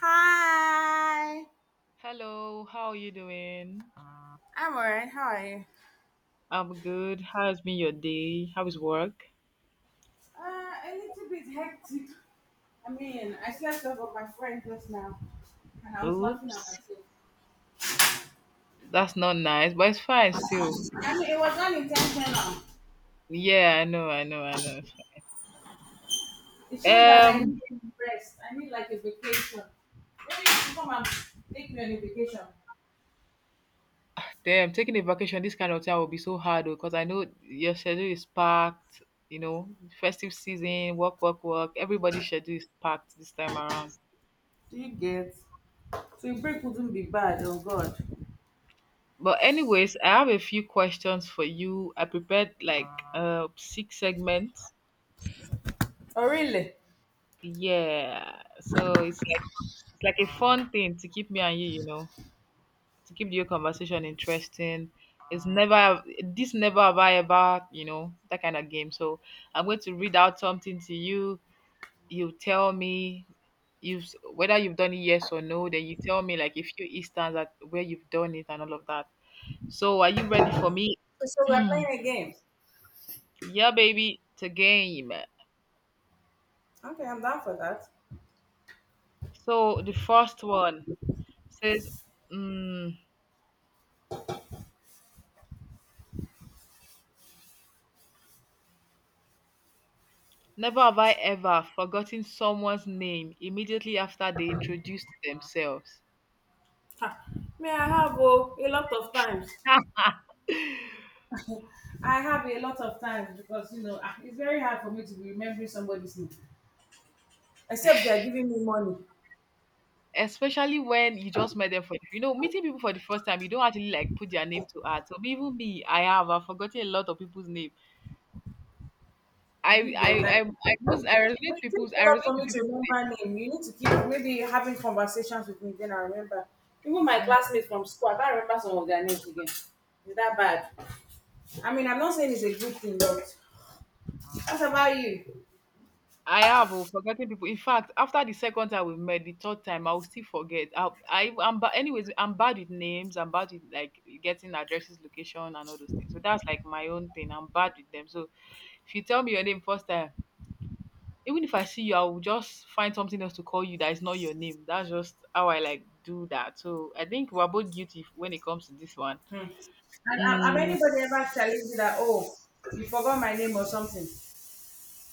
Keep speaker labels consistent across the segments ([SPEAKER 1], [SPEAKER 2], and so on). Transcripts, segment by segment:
[SPEAKER 1] Hi,
[SPEAKER 2] Hello, how are you doing?
[SPEAKER 1] I'm alright. How are you?
[SPEAKER 2] I'm good. How's been your day? How is work?
[SPEAKER 1] A little bit hectic. I mean, I slept over with my friend just now, and I was laughing at
[SPEAKER 2] Oops,
[SPEAKER 1] myself.
[SPEAKER 2] that's not nice, but it's fine still.
[SPEAKER 1] I mean, it was unintentional.
[SPEAKER 2] Yeah, I know. It's
[SPEAKER 1] It shows
[SPEAKER 2] fine.
[SPEAKER 1] that I need to rest. I need like a vacation. Maybe you should come and take me on a vacation.
[SPEAKER 2] Damn, taking a vacation this kind of time will be so hard because I know your schedule is packed. You know, festive season, work, work, work. Everybody's schedule is packed this time around.
[SPEAKER 1] Do you get? So your break wouldn't be bad. Oh God.
[SPEAKER 2] But anyways, I have a few questions for you. I prepared like six segments.
[SPEAKER 1] Oh, really?
[SPEAKER 2] Yeah, so it's like a fun thing to keep me and you know, to keep your conversation interesting. It's never have I ever, you know, that kind of game. So I'm going to read out something to you. You tell me whether you've done it, yes or no. Then you tell me like a few instances at where you've done it and all of that. So are you ready for me?
[SPEAKER 1] So we're playing a game.
[SPEAKER 2] Yeah, baby. It's a game.
[SPEAKER 1] Okay, I'm down for that.
[SPEAKER 2] So the first one says. Mm, Never have I ever forgotten someone's name immediately after they introduced themselves.
[SPEAKER 1] May I have oh, a lot of times. I have a lot of times because you know ah, it's very hard for me to be remembering somebody's name, except they are giving me money.
[SPEAKER 2] Especially when you just met them, for you know, meeting people for the first time, you don't actually like put their name to add. So even me, I have, I've forgotten a lot of people's name.
[SPEAKER 1] You
[SPEAKER 2] I
[SPEAKER 1] did get
[SPEAKER 2] I
[SPEAKER 1] like
[SPEAKER 2] I, I was I
[SPEAKER 1] but
[SPEAKER 2] resonate
[SPEAKER 1] it takes
[SPEAKER 2] people's I
[SPEAKER 1] a lot
[SPEAKER 2] resonate
[SPEAKER 1] for me
[SPEAKER 2] to
[SPEAKER 1] to remember name. You need to keep maybe having conversations with me, then I remember. Even my
[SPEAKER 2] people.
[SPEAKER 1] classmates from school, I can't remember some of their names again. Is that bad? I mean, I'm not saying it's a good thing, but what about you?
[SPEAKER 2] I have, oh, forgotten people. In fact, after the second time we met, the third time I will still forget. I'm anyways, I'm bad with names. I'm bad with like getting addresses, location, and all those things. So that's like my own thing. I'm bad with them. So if you tell me your name first time, even if I see you, I will just find something else to call you that is not your name. That's just how I like do that. So I think we're both guilty when it comes to this one.
[SPEAKER 1] Hmm. And have
[SPEAKER 2] Mm.
[SPEAKER 1] anybody ever challenged you that oh, you forgot my name or something?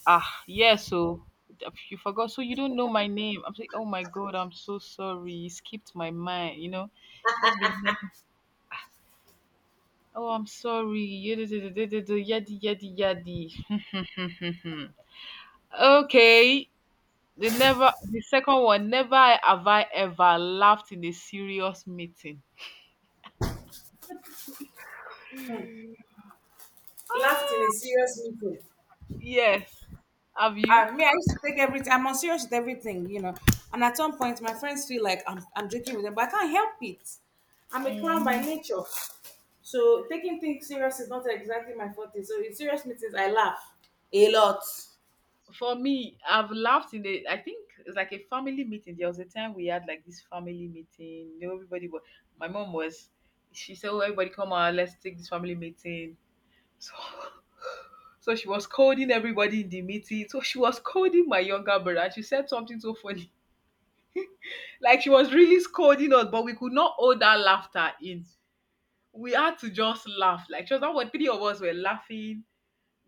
[SPEAKER 2] Ah, yes. So if you forgot. So you don't know my name. I'm like, oh my god, I'm so sorry. You skipped my mind. You know, just been. Here. Oh, I'm sorry. Yadi yadi yadi. Yadi." Okay. The never the second one. Never have I ever laughed in a serious meeting.
[SPEAKER 1] Hmm. Laughed in a serious meeting.
[SPEAKER 2] Yes. Have you?
[SPEAKER 1] And me, I used to take everything. I'm on serious with everything, you know. And at some point, my friends feel like I'm joking with them, but I can't help it. I'm a clown by
[SPEAKER 2] Mhm.
[SPEAKER 1] nature. So taking things serious is not exactly my forte. So in serious meetings, I laugh a lot.
[SPEAKER 2] For me, I've laughed in the, I think it's like a family meeting. There was a time we had like this family meeting. You know, everybody was, my mom was, she said, oh, everybody come on, let's take this family meeting. So so she was scolding everybody in the meeting. So she was scolding my younger brother. And she said something so funny. Like she was really scolding us, but we could not hold that laughter in. We had to just laugh. Like just that, what, three of us were laughing.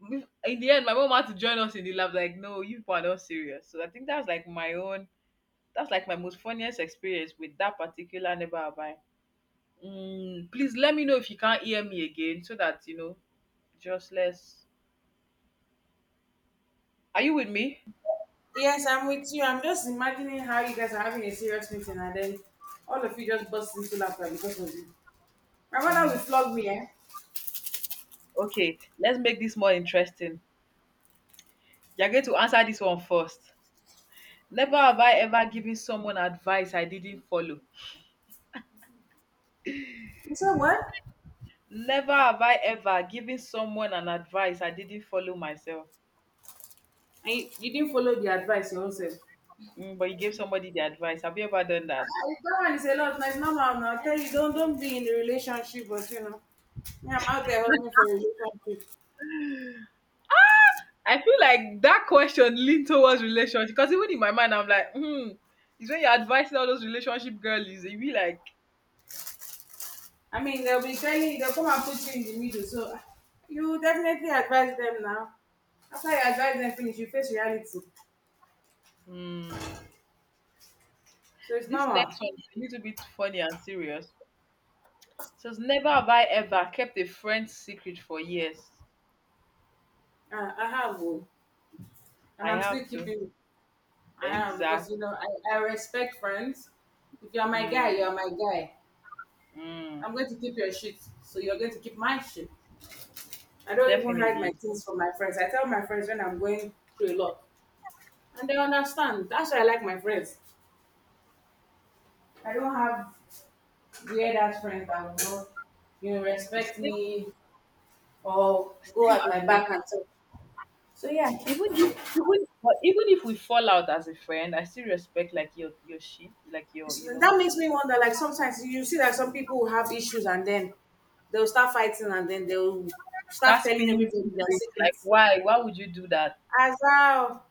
[SPEAKER 2] In the end, my mom had to join us in the laugh. Like, no, you people are not serious. So I think that's like my own. That's like my most funniest experience with that particular neighbor of mine. Mm, please let me know if you can't hear me again, so that you know, just less. Are you with me?
[SPEAKER 1] Yes, I'm with you. I'm just imagining how you guys are having a serious meeting and then all of you just burst into laughter because of it. My mother will
[SPEAKER 2] Mm,
[SPEAKER 1] flog me, eh?
[SPEAKER 2] okay, let's make this more interesting. You're going to answer this one first. Never have I ever given someone advice I didn't follow.
[SPEAKER 1] You said what?
[SPEAKER 2] Never have I ever given someone an advice I didn't follow myself.
[SPEAKER 1] And you didn't follow the advice yourself.
[SPEAKER 2] Mm, but you gave somebody the advice. Have you ever done that?
[SPEAKER 1] That one is a lot. Now it's normal now. I tell you, don't be in a relationship, but you know, me, I'm out there hustling for a relationship.
[SPEAKER 2] I feel like that question leaned towards relationship because even in my mind, I'm like, hmm, it's when you're advising all those relationship girlies, you be like,
[SPEAKER 1] I mean, they'll be telling you, they'll come and put you in the middle. So ah, you definitely advise them now. After you advise them finish, you face reality.
[SPEAKER 2] hmm,
[SPEAKER 1] So it's
[SPEAKER 2] this
[SPEAKER 1] normal.
[SPEAKER 2] next one is a little bit funny and serious. So it's, never have I ever kept a friend's secret for years.
[SPEAKER 1] I have, oh, and
[SPEAKER 2] I
[SPEAKER 1] I'm still
[SPEAKER 2] have to.
[SPEAKER 1] keeping. I have because
[SPEAKER 2] Exact.
[SPEAKER 1] you know I respect friends. If you're my guy,
[SPEAKER 2] Mm.
[SPEAKER 1] you're my guy. I'm
[SPEAKER 2] Mm.
[SPEAKER 1] going to keep your shit, so you're going to keep my shit. I don't even hide my
[SPEAKER 2] Definitely.
[SPEAKER 1] things from my friends. I tell my friends when I'm going through a lot, and they understand. That's why I like my friends. I don't have weird ass friends that will not, you know, respect
[SPEAKER 2] Same,
[SPEAKER 1] me or go
[SPEAKER 2] same
[SPEAKER 1] at
[SPEAKER 2] as
[SPEAKER 1] my
[SPEAKER 2] me.
[SPEAKER 1] back and so. So yeah,
[SPEAKER 2] Even if we fall out as a friend, I still respect like your shit, like your,
[SPEAKER 1] it's-
[SPEAKER 2] you know.
[SPEAKER 1] that makes me wonder. Like sometimes you see that some people will have issues and then they'll start fighting and then they'll start
[SPEAKER 2] That's
[SPEAKER 1] telling
[SPEAKER 2] spinning
[SPEAKER 1] everybody their
[SPEAKER 2] secret. Like,
[SPEAKER 1] secrets.
[SPEAKER 2] why? Why would you do that?
[SPEAKER 1] As well,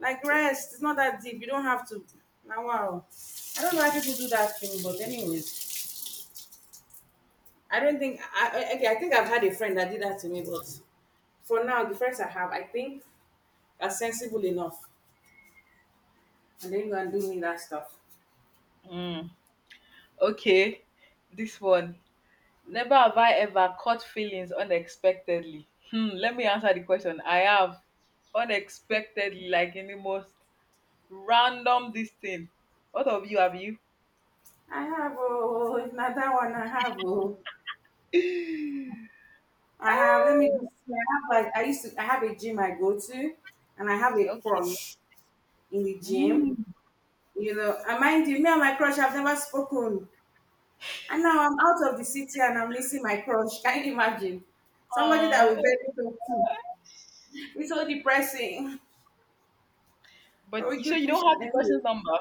[SPEAKER 1] like rest, it's not that deep. You don't have to. Now, wow, I don't know why people do that thing, but anyways. I don't think I okay, I think I've had a friend that did that to me, but for now, the friends I have, I think are sensible enough, and they go and do me that stuff.
[SPEAKER 2] Mm. Okay. This one. Never have I ever caught feelings unexpectedly. Hmm. Let me answer the question. I have, unexpectedly, like in the most random this thing. What of you, have you?
[SPEAKER 1] I have oh, if not that one, I have oh, I have. Let me
[SPEAKER 2] Ah,
[SPEAKER 1] just say, I have like I used to. I have a gym I go to, and I have a
[SPEAKER 2] okay.
[SPEAKER 1] crush in the gym.
[SPEAKER 2] Mm.
[SPEAKER 1] You know, and mind you, me and my crush have never spoken, and now I'm out of the city and I'm missing my crush. Can you imagine? Somebody that we
[SPEAKER 2] Oh.
[SPEAKER 1] barely talk to. It's so depressing. But
[SPEAKER 2] But
[SPEAKER 1] we
[SPEAKER 2] you, so
[SPEAKER 1] keep
[SPEAKER 2] you don't have
[SPEAKER 1] pushing
[SPEAKER 2] the
[SPEAKER 1] anyway.
[SPEAKER 2] person's number.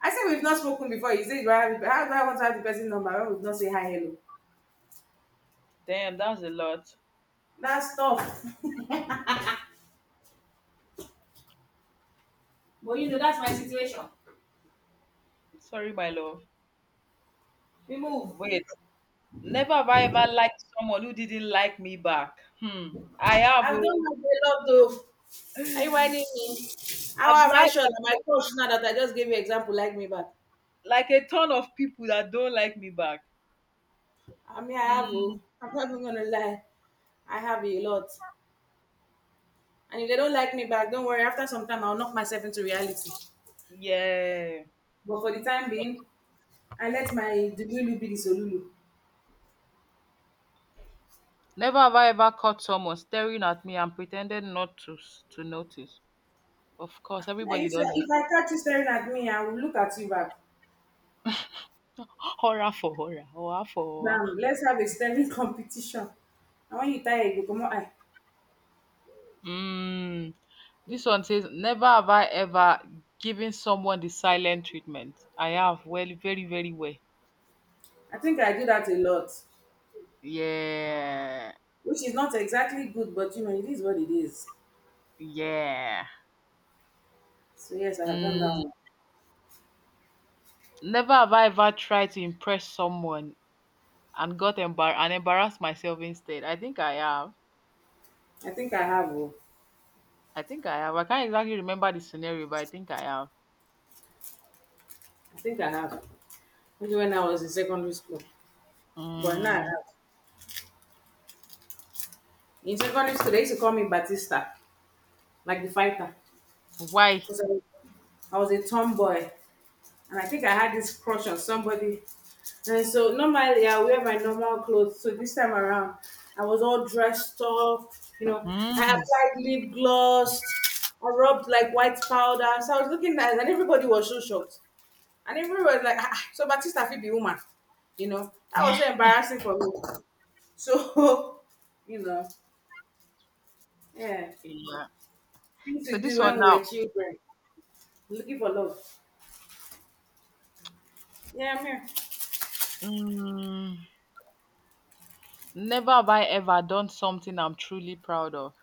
[SPEAKER 1] I said we've not spoken before. You said you are having, how do I want to have the person number when we've not say hi hello?
[SPEAKER 2] Damn, that's a lot.
[SPEAKER 1] That's tough. But you know, that's my issue.
[SPEAKER 2] Sorry, my love.
[SPEAKER 1] We move.
[SPEAKER 2] Wait, never have I ever liked someone who didn't like me back. Hmm. I have.
[SPEAKER 1] I've done my
[SPEAKER 2] Oh.
[SPEAKER 1] lot though. Are you whining me? How
[SPEAKER 2] I've
[SPEAKER 1] am I
[SPEAKER 2] liked
[SPEAKER 1] sure that my coach now that I just gave you example like me back?
[SPEAKER 2] like a ton of people that don't like me back.
[SPEAKER 1] I mean I have
[SPEAKER 2] Mm,
[SPEAKER 1] oh, I'm not even gonna lie. I have a lot. And if they don't like me back, don't worry, after some time I'll knock myself into reality.
[SPEAKER 2] yeah.
[SPEAKER 1] But for the time being, I let my delulu be the solulu.
[SPEAKER 2] Never have I ever caught someone staring at me and pretended not to to notice. Of course,
[SPEAKER 1] Like,
[SPEAKER 2] everybody
[SPEAKER 1] if I
[SPEAKER 2] does this.
[SPEAKER 1] if I catch you staring at me, I will look at you back.
[SPEAKER 2] Horror for horror, horror for horror.
[SPEAKER 1] Bam, let's have a staring competition. And when you tired, you go come on.
[SPEAKER 2] Mm. This one says, never have I ever given someone the silent treatment. I have. Well, very, very well.
[SPEAKER 1] I think I do that a lot,
[SPEAKER 2] Yeah.
[SPEAKER 1] which is not exactly good, but you know, it is what it is.
[SPEAKER 2] Yeah.
[SPEAKER 1] So, yes, I have done that
[SPEAKER 2] Mm,
[SPEAKER 1] one.
[SPEAKER 2] Never have I ever tried to impress someone and got embar- and embarrassed myself instead. I think I have.
[SPEAKER 1] I think I have. Oh,
[SPEAKER 2] I think I have. I can't exactly remember the scenario, but I think I have.
[SPEAKER 1] I think I have. Maybe when I was in secondary school. But now I
[SPEAKER 2] Mm,
[SPEAKER 1] have. In secondary school, they used to call me Batista, like the fighter.
[SPEAKER 2] why?
[SPEAKER 1] 'Cause I was a tomboy, and I think I had this crush on somebody. And so normally I wear my normal clothes. So this time around, I was all dressed up. You know, I
[SPEAKER 2] Mm.
[SPEAKER 1] applied lip gloss. I rubbed like white powder. So I was looking nice, and everybody was so shocked. And everyone was like, ah, "So Batista fit be woman," you know. That was
[SPEAKER 2] Yeah.
[SPEAKER 1] so embarrassing for me. So, you know, yeah, things
[SPEAKER 2] So
[SPEAKER 1] to do
[SPEAKER 2] this one
[SPEAKER 1] when we
[SPEAKER 2] now.
[SPEAKER 1] were children, looking for love. Yeah, I'm here.
[SPEAKER 2] Mm, Never have I ever done something I'm truly proud of.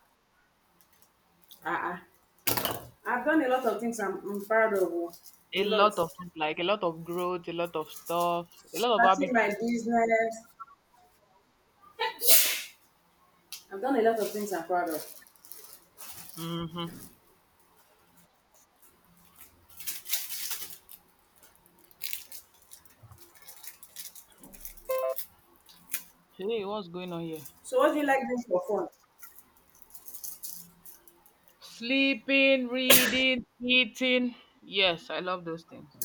[SPEAKER 1] Uh-uh. I've done a lot of things I'm proud of. Oh.
[SPEAKER 2] A
[SPEAKER 1] A lot.
[SPEAKER 2] lot of things, like a lot of growth, a lot of stuff, a lot of
[SPEAKER 1] Starting
[SPEAKER 2] habits.
[SPEAKER 1] my business, I've done a lot of things I'm proud of.
[SPEAKER 2] Mm-hmm. Hey, what's going on here?
[SPEAKER 1] So what do you like doing for fun?
[SPEAKER 2] Sleeping, reading, eating. Yes, I love those things.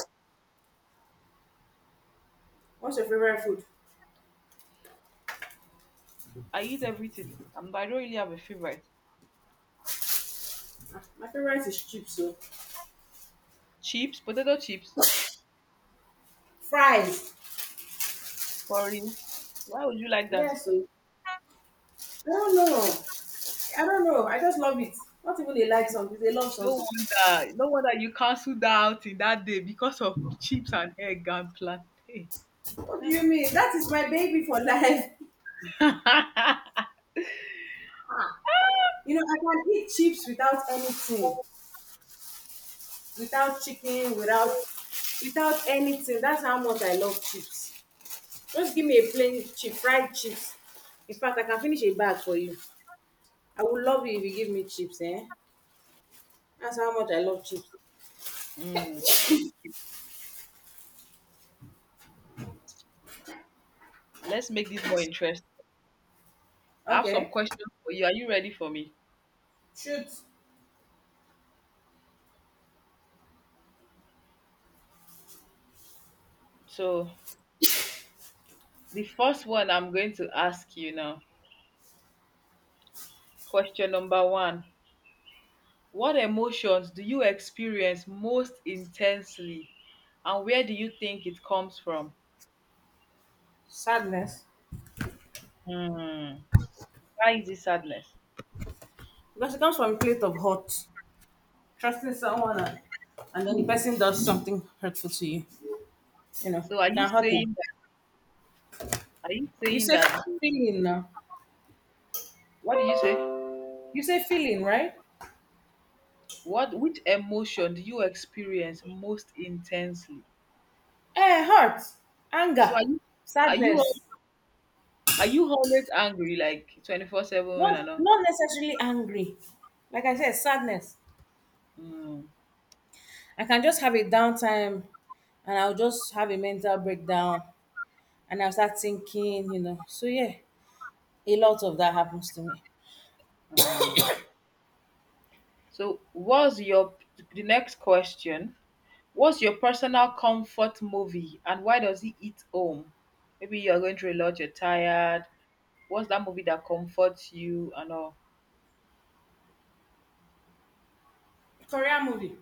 [SPEAKER 1] What's your favorite food?
[SPEAKER 2] I eat everything. I don't really have a favorite.
[SPEAKER 1] Ah, my favorite is chips, so
[SPEAKER 2] Chips, potato chips.
[SPEAKER 1] fries.
[SPEAKER 2] For real. Why would you like that?
[SPEAKER 1] Yeah, so I don't know. I don't know. I just love it. Not even they like
[SPEAKER 2] No,
[SPEAKER 1] something, they love
[SPEAKER 2] no
[SPEAKER 1] something.
[SPEAKER 2] wonder, no wonder you cancelled that out in that day because of chips and egg and plantain.
[SPEAKER 1] What do you mean? That is my baby for life. You know, I can eat chips without anything, without chicken, without anything. That's how much I love chips. Just give me a plain chip, fried chips. In fact, I can finish a bag for you. I would love you if you give me chips, eh? That's how much I love chips.
[SPEAKER 2] Mm. Okay. Let's make this more interesting. I have some
[SPEAKER 1] Okay.
[SPEAKER 2] questions for you. Are you ready for me?
[SPEAKER 1] Shoot.
[SPEAKER 2] So, the first one I'm going to ask you now. Question number one. What emotions do you experience most intensely, and where do you think it comes from?
[SPEAKER 1] Sadness.
[SPEAKER 2] Hmm. Why is it sadness?
[SPEAKER 1] Because it comes from a plate of hurt. Trusting someone and then the person does something hurtful to you. You know,
[SPEAKER 2] So are
[SPEAKER 1] it
[SPEAKER 2] you
[SPEAKER 1] can hurt you.
[SPEAKER 2] saying that,
[SPEAKER 1] You say feeling now.
[SPEAKER 2] what do you say?
[SPEAKER 1] You say feeling, right?
[SPEAKER 2] What, which emotion do you experience most intensely?
[SPEAKER 1] Eh, hurt,
[SPEAKER 2] So
[SPEAKER 1] anger,
[SPEAKER 2] are you are you al-
[SPEAKER 1] sadness.
[SPEAKER 2] are you always angry like 24/7 and
[SPEAKER 1] Not
[SPEAKER 2] all?
[SPEAKER 1] not necessarily angry. Like I said, sadness.
[SPEAKER 2] Mm.
[SPEAKER 1] I can just have a downtime and I'll just have a mental breakdown and I'll start thinking, you know. So yeah, a lot of that happens to me.
[SPEAKER 2] Hmm. So what's your, the next question, what's your personal comfort movie and why does it hit home? Maybe you're going through a lot, you're tired. What's that movie that comforts you and all?
[SPEAKER 1] Korean movie.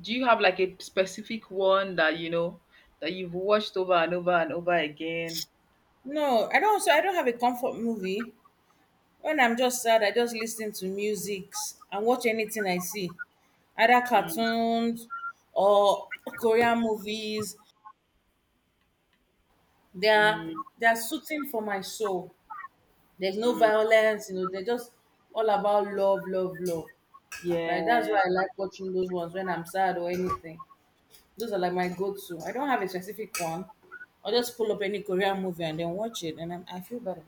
[SPEAKER 2] Do you have like a specific one that you know, that you've watched over and over and over again?
[SPEAKER 1] No, I don't. So I don't have a comfort movie. When I'm just sad, I just listen to music and watch anything I see, either
[SPEAKER 2] Mm.
[SPEAKER 1] cartoons or Korean movies. They are
[SPEAKER 2] Mm.
[SPEAKER 1] they are suiting for my soul. There's no
[SPEAKER 2] Mm.
[SPEAKER 1] violence, you know. They're just all about love, love, love. Right? That's
[SPEAKER 2] Yeah.
[SPEAKER 1] why I like watching those ones when I'm sad or anything. Those are like my go-to. I don't have a specific one. I'll just pull up any Korean movie and then watch it, and I feel better.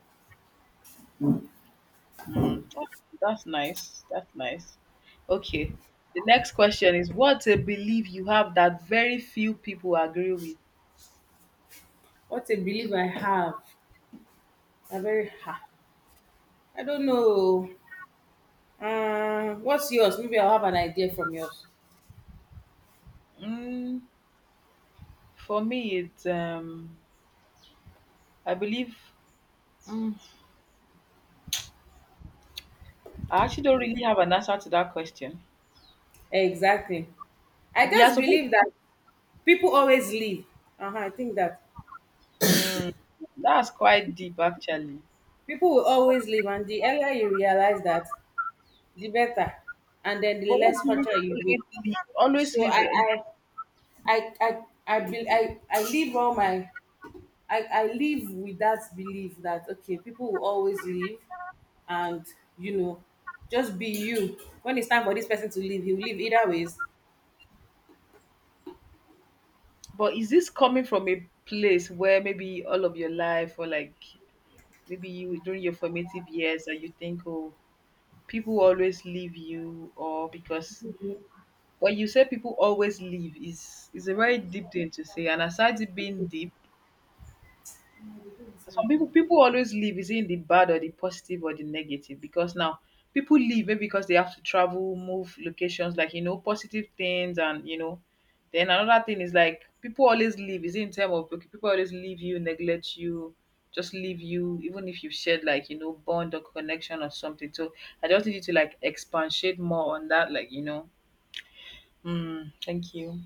[SPEAKER 2] Mm, that- that's nice. That's nice. Okay. The next question is, what's a belief you have that very few people agree with?
[SPEAKER 1] What a belief I have. I very ha. I don't know. What's yours? Maybe I'll have an idea from yours.
[SPEAKER 2] Mm, for me, it's I believe. Mm, I actually don't really have an answer to that question.
[SPEAKER 1] Exactly. I
[SPEAKER 2] Yeah,
[SPEAKER 1] just
[SPEAKER 2] suppose.
[SPEAKER 1] believe that people always leave. Uh-huh, I think that
[SPEAKER 2] Mm, that's quite deep actually.
[SPEAKER 1] people will always leave, and the earlier you realize that, the better, and then the
[SPEAKER 2] But what
[SPEAKER 1] less
[SPEAKER 2] do you mean
[SPEAKER 1] hotter you be.
[SPEAKER 2] always
[SPEAKER 1] So
[SPEAKER 2] leave? Always leave.
[SPEAKER 1] I I I leave all my I live with that belief that okay, people will always leave and you know, just be you. When it's time for this person to leave, he'll leave either ways.
[SPEAKER 2] But is this coming from a place where maybe all of your life, or like maybe you during your formative years and you think, oh, people always leave you, or because when you say people always leave, is a very deep thing to say. And aside it being deep, some people, people always live is in the bad, or the positive or the negative, because now people leave maybe because they have to travel, move locations, like you know, positive things. And you know, then another thing is like people always leave is in terms of, okay, people always leave you, neglect you, just leave you even if you shared like you know, bond or connection or something. So I just need you to like expatiate more on that, like, you know. Mm, thank you.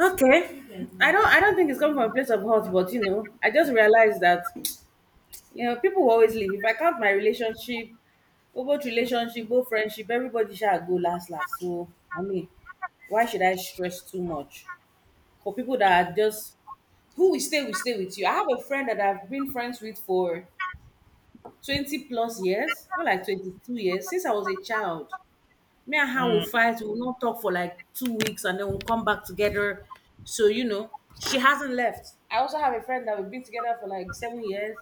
[SPEAKER 1] Okay. I don't think it's coming from a place of hurt, but you know, I just realized that you know, people will always leave. If I count my relationship, well, both relationship, both friendship, everybody shall go last last. So I mean, why should I stress too much? For people that are just who will stay with you. I have a friend that I've been friends with for 20 plus years, more like 22 years, since I was a child. Me and her will
[SPEAKER 2] Mm.
[SPEAKER 1] fight, we'll not talk for like 2 weeks and then we'll come back together. So, you know, she hasn't left. I also have a friend that we've been together for like 7 years.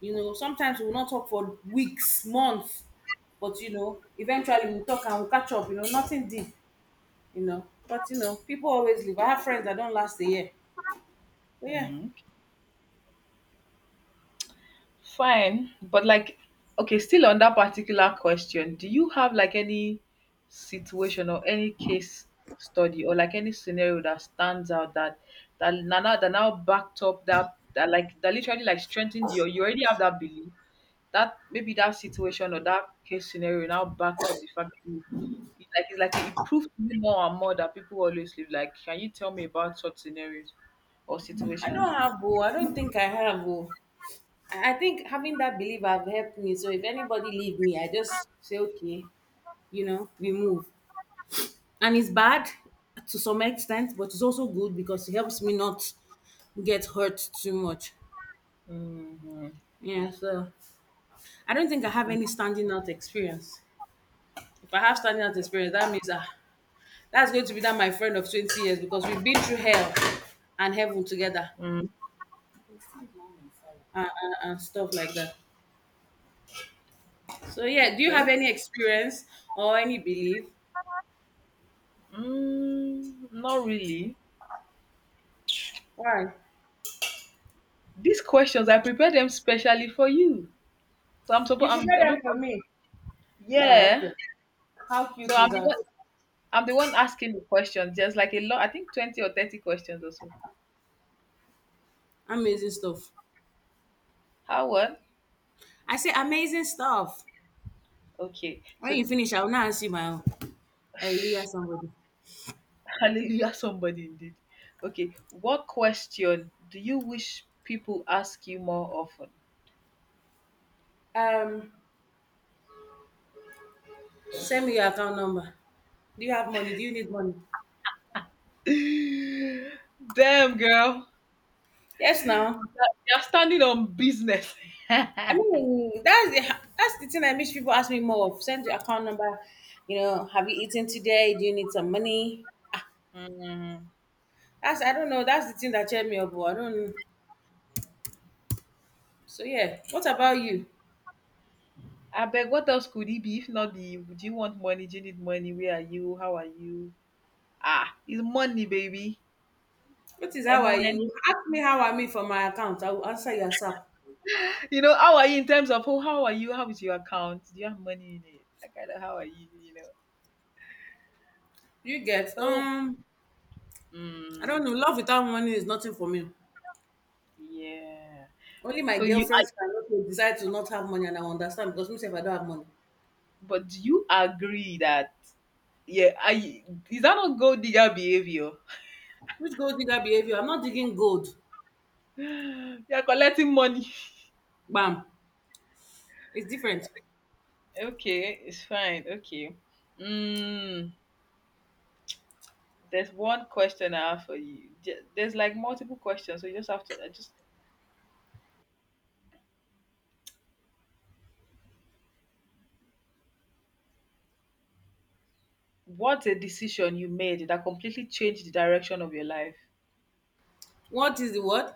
[SPEAKER 1] You know, sometimes we'll not talk for weeks, months, but you know, eventually we'll talk and we'll catch up, you know, nothing deep, you know. But you know, people always leave. I have friends that don't last a year. But yeah,
[SPEAKER 2] Mm. Fine, but like, okay, still on that particular question, do you have like any situation or any case study, or like any scenario that stands out, that now, that now backed up that, like that literally like strengthened your, you already have that belief, that maybe that situation or that case scenario now backed up the fact that you, it, like it's like it proved to me more and more that people always live, like, can you tell me about such scenarios or
[SPEAKER 1] I don't
[SPEAKER 2] situations?
[SPEAKER 1] have, oh, I don't think I have, oh. I think having that belief have helped me. So if anybody leave me, I just say, okay, you know, we move. And it's bad to some extent, but it's also good because it helps me not get hurt too much.
[SPEAKER 2] Hmm.
[SPEAKER 1] Yeah, so I don't think I have any standing out experience. If I have standing out experience, that means that's going to be that my friend of 20 years because we've been through hell and heaven together
[SPEAKER 2] Mm,
[SPEAKER 1] and stuff like that. So yeah, do you have
[SPEAKER 2] okay.
[SPEAKER 1] any experience or any belief?
[SPEAKER 2] Mm, not really.
[SPEAKER 1] Why?
[SPEAKER 2] These questions, I prepared them specially for you. So I'm
[SPEAKER 1] You
[SPEAKER 2] supposed,
[SPEAKER 1] prepare them
[SPEAKER 2] sup-
[SPEAKER 1] for me. Oh,
[SPEAKER 2] yeah.
[SPEAKER 1] okay. How cute
[SPEAKER 2] So
[SPEAKER 1] is that?
[SPEAKER 2] I'm the one asking the questions. Just like a lot, I think 20 or 30 questions or so.
[SPEAKER 1] Amazing stuff.
[SPEAKER 2] How what?
[SPEAKER 1] I say amazing stuff.
[SPEAKER 2] Okay.
[SPEAKER 1] When
[SPEAKER 2] So
[SPEAKER 1] you finish, I will now ask you my own. I really ask somebody.
[SPEAKER 2] hallelujah, somebody indeed. Okay. What question do you wish people ask you more often?
[SPEAKER 1] Um, Send me your account number. Do you have money? Do you need money?
[SPEAKER 2] Damn, girl.
[SPEAKER 1] Yes, now.
[SPEAKER 2] You're standing on business.
[SPEAKER 1] I mean, that's the thing I wish people ask me more of. Send your account number. You know, have you eaten today? Do you need some money? Ah,
[SPEAKER 2] Mm.
[SPEAKER 1] that's I don't know. That's the thing that cheered me up. Oh, I don't. So yeah. What about you?
[SPEAKER 2] Abeg, what else could it be if not the, do you want money? Do you need money? Where are you? How are you? Ah, it's money, baby.
[SPEAKER 1] What is how are
[SPEAKER 2] M-O-N-E.
[SPEAKER 1] you? Ask me how I'm me for my account. I will answer your sap.
[SPEAKER 2] You know, how are you in terms of, oh, how are you? How is your account? Do you have money in it? That kind of how are you, you know.
[SPEAKER 1] You get
[SPEAKER 2] So
[SPEAKER 1] I don't
[SPEAKER 2] mm,
[SPEAKER 1] know, love without money is nothing for me.
[SPEAKER 2] yeah.
[SPEAKER 1] Only my
[SPEAKER 2] So you I
[SPEAKER 1] girlfriends can also decide to not have money and I understand because me myself I don't have money.
[SPEAKER 2] but do you agree that yeah, I is that not gold digger behavior?
[SPEAKER 1] Which gold digger behavior? I'm not digging gold.
[SPEAKER 2] You're collecting money.
[SPEAKER 1] Bam. It's different.
[SPEAKER 2] Okay, it's fine. Okay. Mm. There's one question I have for you. There's like multiple questions, so you just have to just what's a decision you made that completely changed the direction of your life?
[SPEAKER 1] What is the word?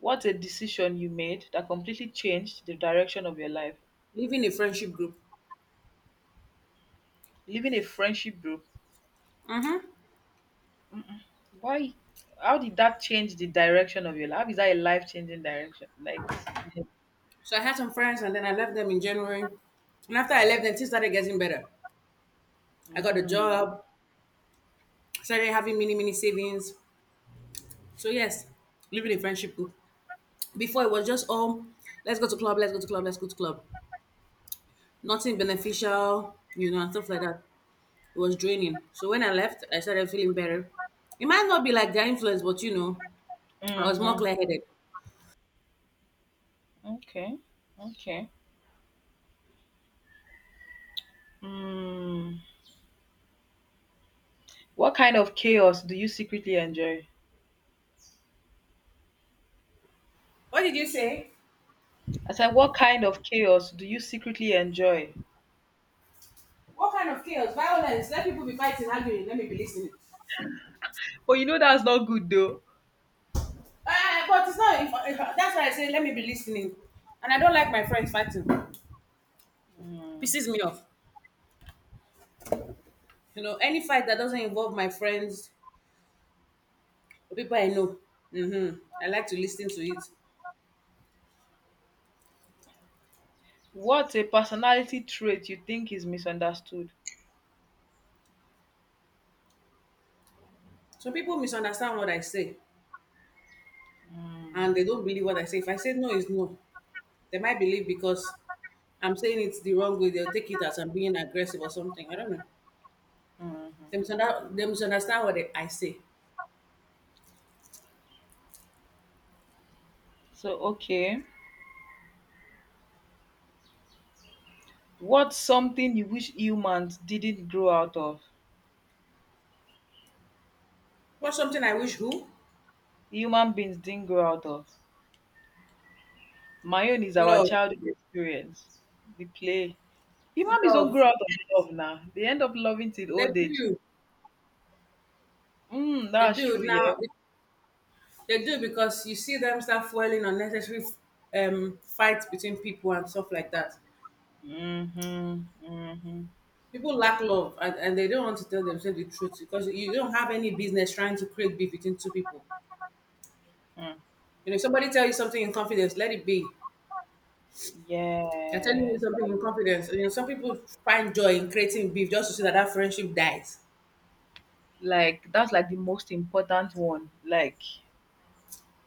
[SPEAKER 2] What's a decision you made that completely changed the direction of your life?
[SPEAKER 1] Leaving a friendship group.
[SPEAKER 2] Leaving a friendship group. Mm-mm. Why? How did that change the direction of your life? How is that a life changing direction? Like,
[SPEAKER 1] So I had some friends and then I left them in January. And after I left them, things started getting better. I got a
[SPEAKER 2] mm.
[SPEAKER 1] job, started having mini mini savings. So yes, living a friendship group. Before it was just all let's go to club, let's go to club, let's go to club. Nothing beneficial, you know, and stuff like that. It was draining. So when I left, I started feeling better. It might not be like their influence, but you know, I was more
[SPEAKER 2] Mm-hmm.
[SPEAKER 1] clear headed.
[SPEAKER 2] Okay, okay. Mm. What kind of chaos do you secretly enjoy?
[SPEAKER 1] What did you say?
[SPEAKER 2] I said, what kind of chaos do you secretly enjoy?
[SPEAKER 1] What kind of chaos? Violence. Let people be fighting, arguing. Let me be listening.
[SPEAKER 2] But you know that's not good though.
[SPEAKER 1] But it's not. If, That's why I say let me be listening. And I don't like my friends fighting.
[SPEAKER 2] Mm.
[SPEAKER 1] Pisses me off. You know, any fight that doesn't involve my friends or people I know, hmm I like to listen to it.
[SPEAKER 2] What's a personality trait you think is misunderstood?
[SPEAKER 1] Some people misunderstand what I say and
[SPEAKER 2] Mm.
[SPEAKER 1] they don't believe what I say. If I say no is no, they might believe because I'm saying it's the wrong way. They'll take it as I'm being aggressive or something. I don't know. They
[SPEAKER 2] Mhm.
[SPEAKER 1] misunderstand, they misunderstand what they, I say.
[SPEAKER 2] Okay. What's something you wish humans didn't grow out of?
[SPEAKER 1] What's something I wish who?
[SPEAKER 2] Human beings didn't grow out of. My own is our
[SPEAKER 1] Love.
[SPEAKER 2] childhood experience. The play. Human beings don't
[SPEAKER 1] Love.
[SPEAKER 2] grow out of love now. They end up loving till
[SPEAKER 1] They
[SPEAKER 2] old age.
[SPEAKER 1] do.
[SPEAKER 2] Mm,
[SPEAKER 1] They
[SPEAKER 2] that's
[SPEAKER 1] do.
[SPEAKER 2] true, yeah.
[SPEAKER 1] Now, they do because you see them start fueling unnecessary fights between people and stuff like that.
[SPEAKER 2] Mm-hmm. Mm-hmm.
[SPEAKER 1] People lack love and they don't want to tell themselves the truth because you don't have any business trying to create beef between two people.
[SPEAKER 2] Mm.
[SPEAKER 1] You know, if somebody tell you something in confidence, let it be.
[SPEAKER 2] Yeah,
[SPEAKER 1] They're telling you something in confidence. You know, some people find joy in creating beef just to see that friendship dies.
[SPEAKER 2] like that's like the most important one. Like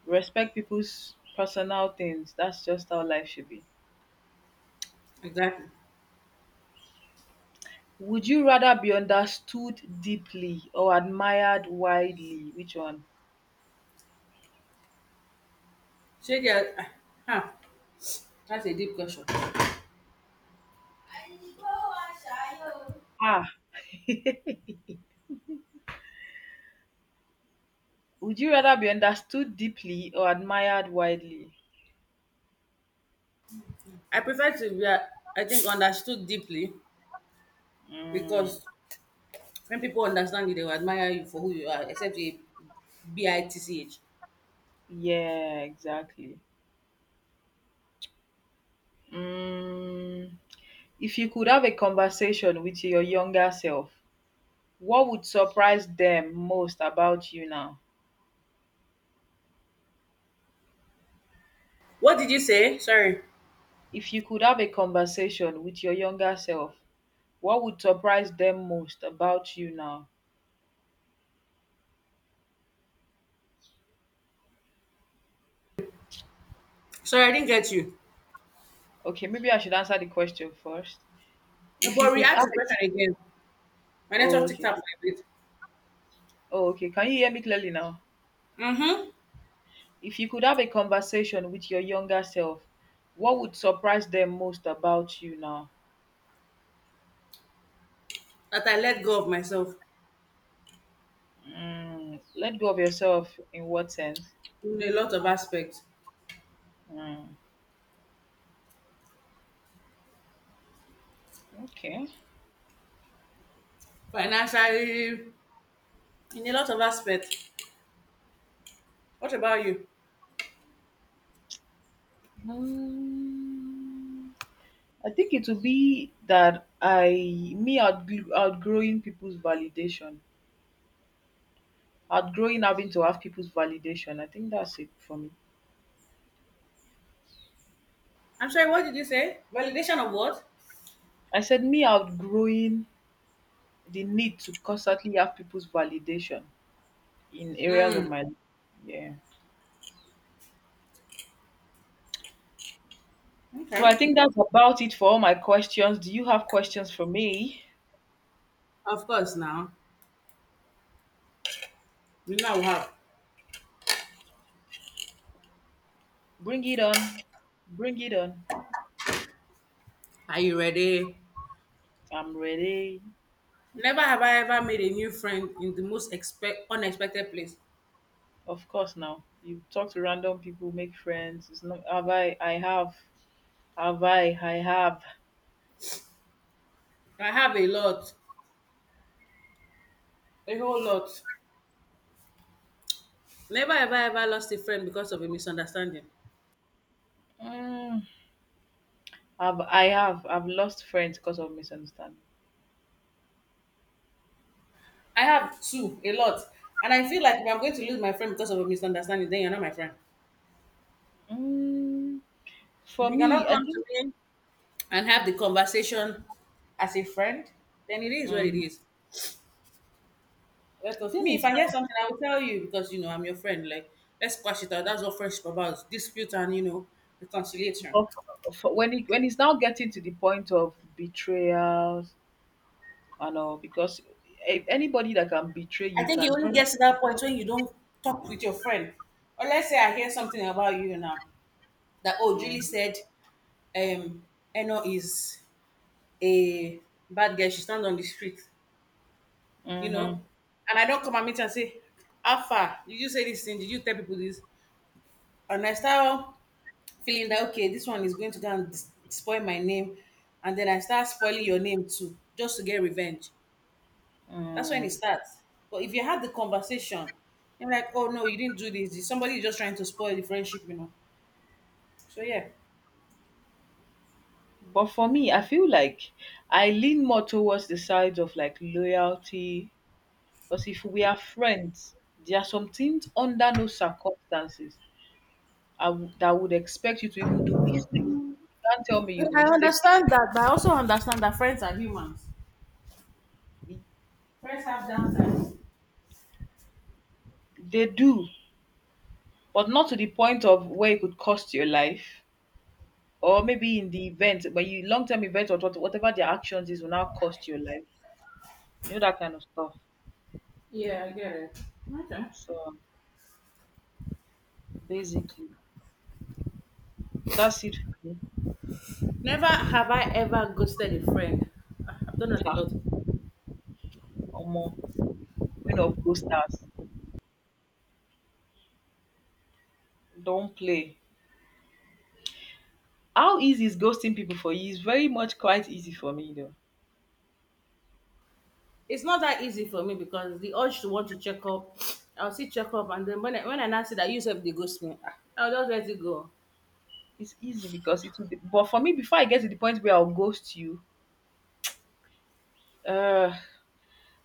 [SPEAKER 2] respect people's personal things. That's just how life should be.
[SPEAKER 1] Exactly.
[SPEAKER 2] Would you rather be understood deeply or admired widely? Which one?
[SPEAKER 1] Shady, ah, huh, that's a deep question.
[SPEAKER 2] Ah, would you rather be understood deeply or admired widely?
[SPEAKER 1] I prefer to be, I think, understood deeply
[SPEAKER 2] Mm,
[SPEAKER 1] because when people understand you, they will admire you for who you are, except a B-I-T-C-H.
[SPEAKER 2] yeah, exactly. Mm, if you could have a conversation with your younger self, what would surprise them most about you now?
[SPEAKER 1] What did you say? Sorry.
[SPEAKER 2] If you could have a conversation with your younger self, what would surprise them most about you now?
[SPEAKER 1] Sorry, I didn't get you.
[SPEAKER 2] Okay, maybe I should answer the question first. If you
[SPEAKER 1] But
[SPEAKER 2] could
[SPEAKER 1] re-ask
[SPEAKER 2] have
[SPEAKER 1] the
[SPEAKER 2] a
[SPEAKER 1] question again. My
[SPEAKER 2] oh
[SPEAKER 1] network ticked
[SPEAKER 2] okay.
[SPEAKER 1] up like this.
[SPEAKER 2] Oh okay. Can you hear me clearly now?
[SPEAKER 1] Mm-hmm.
[SPEAKER 2] If you could have a conversation with your younger self, what would surprise them most about you now?
[SPEAKER 1] That I let go of myself
[SPEAKER 2] Mm, let go of yourself in what sense?
[SPEAKER 1] in a lot of aspects.
[SPEAKER 2] Mm, okay.
[SPEAKER 1] Financially, in a lot of aspects. What about you?
[SPEAKER 2] Mm, I think it would be that I me outgrowing people's validation. Outgrowing having to have people's validation. I think that's it for me.
[SPEAKER 1] I'm sorry, what did you say? Validation of what?
[SPEAKER 2] I said me outgrowing the need to constantly have people's validation in areas of
[SPEAKER 1] Hmm.
[SPEAKER 2] my life. Yeah. So
[SPEAKER 1] Okay.
[SPEAKER 2] I think that's about it for all my questions. Do you have questions for me?
[SPEAKER 1] Of course now. You know how.
[SPEAKER 2] Bring it on. Bring it on.
[SPEAKER 1] Are you ready?
[SPEAKER 2] I'm ready.
[SPEAKER 1] Never have I ever made a new friend in the most expect unexpected place.
[SPEAKER 2] Of course now. You talk to random people, make friends. It's not have I have. Have I have.
[SPEAKER 1] I have a lot. A whole lot. Never have I ever lost a friend because of a misunderstanding.
[SPEAKER 2] Mm, have I've lost friends because of misunderstanding.
[SPEAKER 1] I have two, a lot. And I feel like if I'm going to lose my friend because of a misunderstanding, then you're not my friend.
[SPEAKER 2] Mm. For
[SPEAKER 1] If you cannot
[SPEAKER 2] me, I
[SPEAKER 1] come to
[SPEAKER 2] think
[SPEAKER 1] me and have the conversation as a friend, then it is what it
[SPEAKER 2] mm,
[SPEAKER 1] is. Let us
[SPEAKER 2] thing
[SPEAKER 1] me if
[SPEAKER 2] is
[SPEAKER 1] I hear
[SPEAKER 2] now
[SPEAKER 1] something, I will tell you because you know I'm your friend. Like let's squash it out. That's what friendship about dispute and you know reconciliation.
[SPEAKER 2] for, for when it when it's now getting to the point of betrayals and all because if anybody that can betray
[SPEAKER 1] I
[SPEAKER 2] you
[SPEAKER 1] think it
[SPEAKER 2] can
[SPEAKER 1] only
[SPEAKER 2] probably.
[SPEAKER 1] gets to that point when you don't talk with your friend. Or let's say I hear something about you now that oh Julie
[SPEAKER 2] Mm,
[SPEAKER 1] said um Eno is a bad girl. She stand on the street, you
[SPEAKER 2] hmm
[SPEAKER 1] know, and I don't come and meet and say, Alpha, did you say this thing? Did you tell people this? And I start feeling that okay, this one is going to go and dis- spoil my name, and then I start spoiling your name too, just to get revenge. That's when it
[SPEAKER 2] mm.
[SPEAKER 1] starts. But if you had the conversation, you're like, oh no, you didn't do this. Somebody is just trying to spoil the friendship, you know. So yeah.
[SPEAKER 2] But for me, I feel like I lean more towards the side of like loyalty because if we are friends, there are some things under no circumstances that would expect you to even do mistake. You can't tell me you
[SPEAKER 1] I
[SPEAKER 2] mistakenly.
[SPEAKER 1] understand that, but I also understand that friends are humans. Friends have downsides.
[SPEAKER 2] They do but not to the point of where it could cost your life or maybe in the event when you long-term event or whatever their actions is will now cost your life you know that kind of stuff
[SPEAKER 1] Yeah, I get it. Okay.
[SPEAKER 2] so basically that's it for me.
[SPEAKER 1] Never have I ever ghosted a friend. Ah, I've done that a
[SPEAKER 2] Sha.
[SPEAKER 1] lot.
[SPEAKER 2] Omo, queen of ghosters don't play. How easy is ghosting people for you? It's very much quite easy for me though.
[SPEAKER 1] It's not that easy for me because the urge to want to check up, I'll see check up, and then when I now see that you have the ghost, me, ah, I'll just let it go.
[SPEAKER 2] It's easy because it will but for me before I get to the point where I'll ghost you uh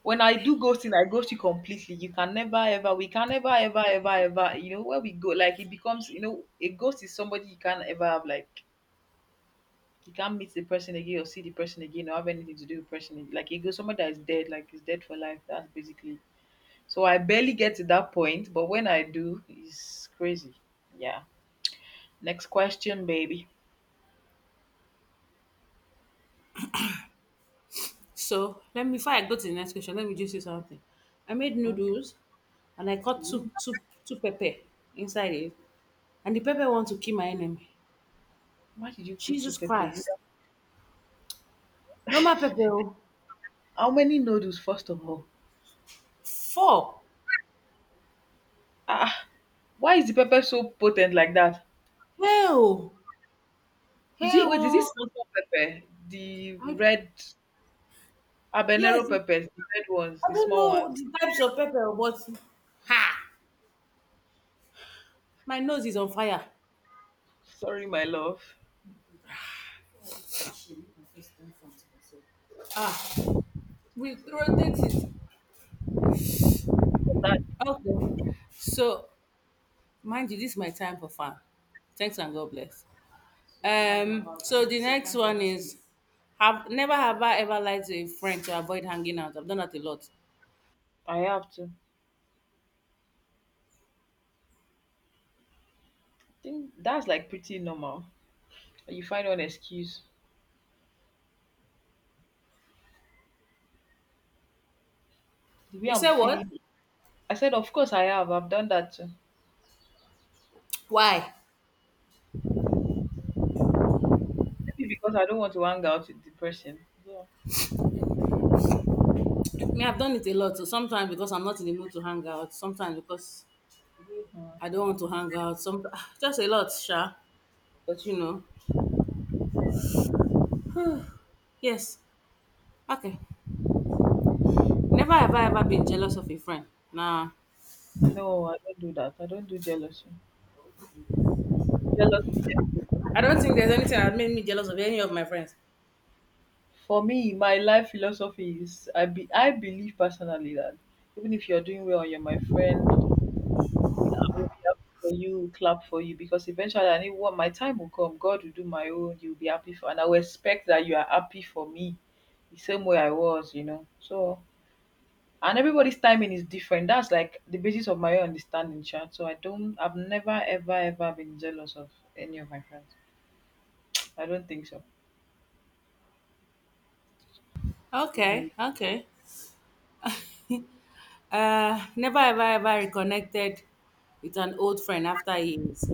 [SPEAKER 2] when I do ghosting, I ghost you completely. You can never ever, we can never ever ever ever, you know, where we go, like it becomes, you know, a ghost is somebody you can't ever have, like you can't meet the person again or see the person again or have anything to do with the person. Again. Like it goes somebody that is dead, like is dead for life. That's basically. So I barely get to that point, but when I do, it's crazy. Yeah. Next question, baby.
[SPEAKER 1] So let me before I go to the next question, let me just say something. I made
[SPEAKER 2] Okay.
[SPEAKER 1] noodles, and I cut two
[SPEAKER 2] Ooh,
[SPEAKER 1] two two pepper inside it, and the pepper want to kill my enemy.
[SPEAKER 2] why did you put two
[SPEAKER 1] Jesus
[SPEAKER 2] pepper?
[SPEAKER 1] Christ! Normal pepper, oh.
[SPEAKER 2] How many noodles, first of all?
[SPEAKER 1] Four.
[SPEAKER 2] Ah, why is the pepper so potent like that?
[SPEAKER 1] Hell,
[SPEAKER 2] Is it
[SPEAKER 1] hell,
[SPEAKER 2] wait, is it
[SPEAKER 1] oh.
[SPEAKER 2] salt pepper? The
[SPEAKER 1] I,
[SPEAKER 2] red habanero
[SPEAKER 1] yes,
[SPEAKER 2] peppers, the red ones,
[SPEAKER 1] I
[SPEAKER 2] the
[SPEAKER 1] don't
[SPEAKER 2] small ones.
[SPEAKER 1] know the types of pepper, but ha, my nose is on fire.
[SPEAKER 2] Sorry, my love.
[SPEAKER 1] Ah, we rotate it.
[SPEAKER 2] That
[SPEAKER 1] Okay. So, mind you, this is my time for fun. Thanks and God bless. So the next one is have never have I ever lied to a friend to avoid hanging out. I've done that a lot.
[SPEAKER 2] I have to. I think that's like pretty normal. You find one excuse. The way
[SPEAKER 1] You
[SPEAKER 2] I'm
[SPEAKER 1] say what?
[SPEAKER 2] feeling. I said, of course I have. I've done that too.
[SPEAKER 1] Why?
[SPEAKER 2] Maybe because I don't want to hang out with the person. So,
[SPEAKER 1] Me, I've done it a lot. So sometimes because I'm not in the mood to hang out, sometimes because
[SPEAKER 2] uh,
[SPEAKER 1] I don't want to hang out, some just a lot, sure. But you know, yes. Okay. Never have I ever been jealous of a friend. Nah.
[SPEAKER 2] no, I don't do that. I don't do jealousy. Jealousy. Eh,
[SPEAKER 1] I don't think there's anything that made me jealous of any of my friends.
[SPEAKER 2] for me, my life philosophy is I believe personally that even if you're doing well you're my friend, I will be happy for you, clap for you because eventually I knew what my time will come. God will do my own. You'll be happy for, and I will expect that you are happy for me, the same way I was, you know. So, and everybody's timing is different. That's like the basis of my own understanding, chat. So I've never, ever, ever been jealous of any of my friends. I don't think so.
[SPEAKER 1] Okay,
[SPEAKER 2] Mm,
[SPEAKER 1] okay. Never ever ever reconnected with an old friend after years.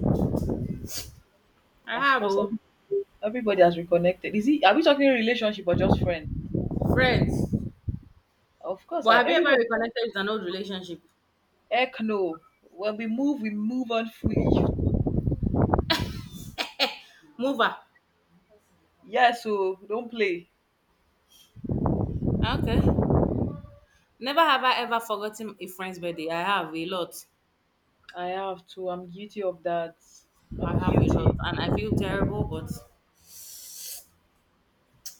[SPEAKER 1] I
[SPEAKER 2] of
[SPEAKER 1] have
[SPEAKER 2] course,
[SPEAKER 1] oh,
[SPEAKER 2] everybody has reconnected. Is it? Are we talking relationship or just friend?
[SPEAKER 1] friends,
[SPEAKER 2] Of course,
[SPEAKER 1] but have you ever
[SPEAKER 2] everybody.
[SPEAKER 1] reconnected with an old relationship?
[SPEAKER 2] Heck no. When we move on fully.
[SPEAKER 1] Mover.
[SPEAKER 2] Yeah, so don't play.
[SPEAKER 1] Okay. Never have I ever forgotten a friend's birthday. I have a lot.
[SPEAKER 2] I have to. I'm guilty of that.
[SPEAKER 1] I
[SPEAKER 2] I'm
[SPEAKER 1] have a lot,
[SPEAKER 2] guilty.
[SPEAKER 1] and I feel terrible. But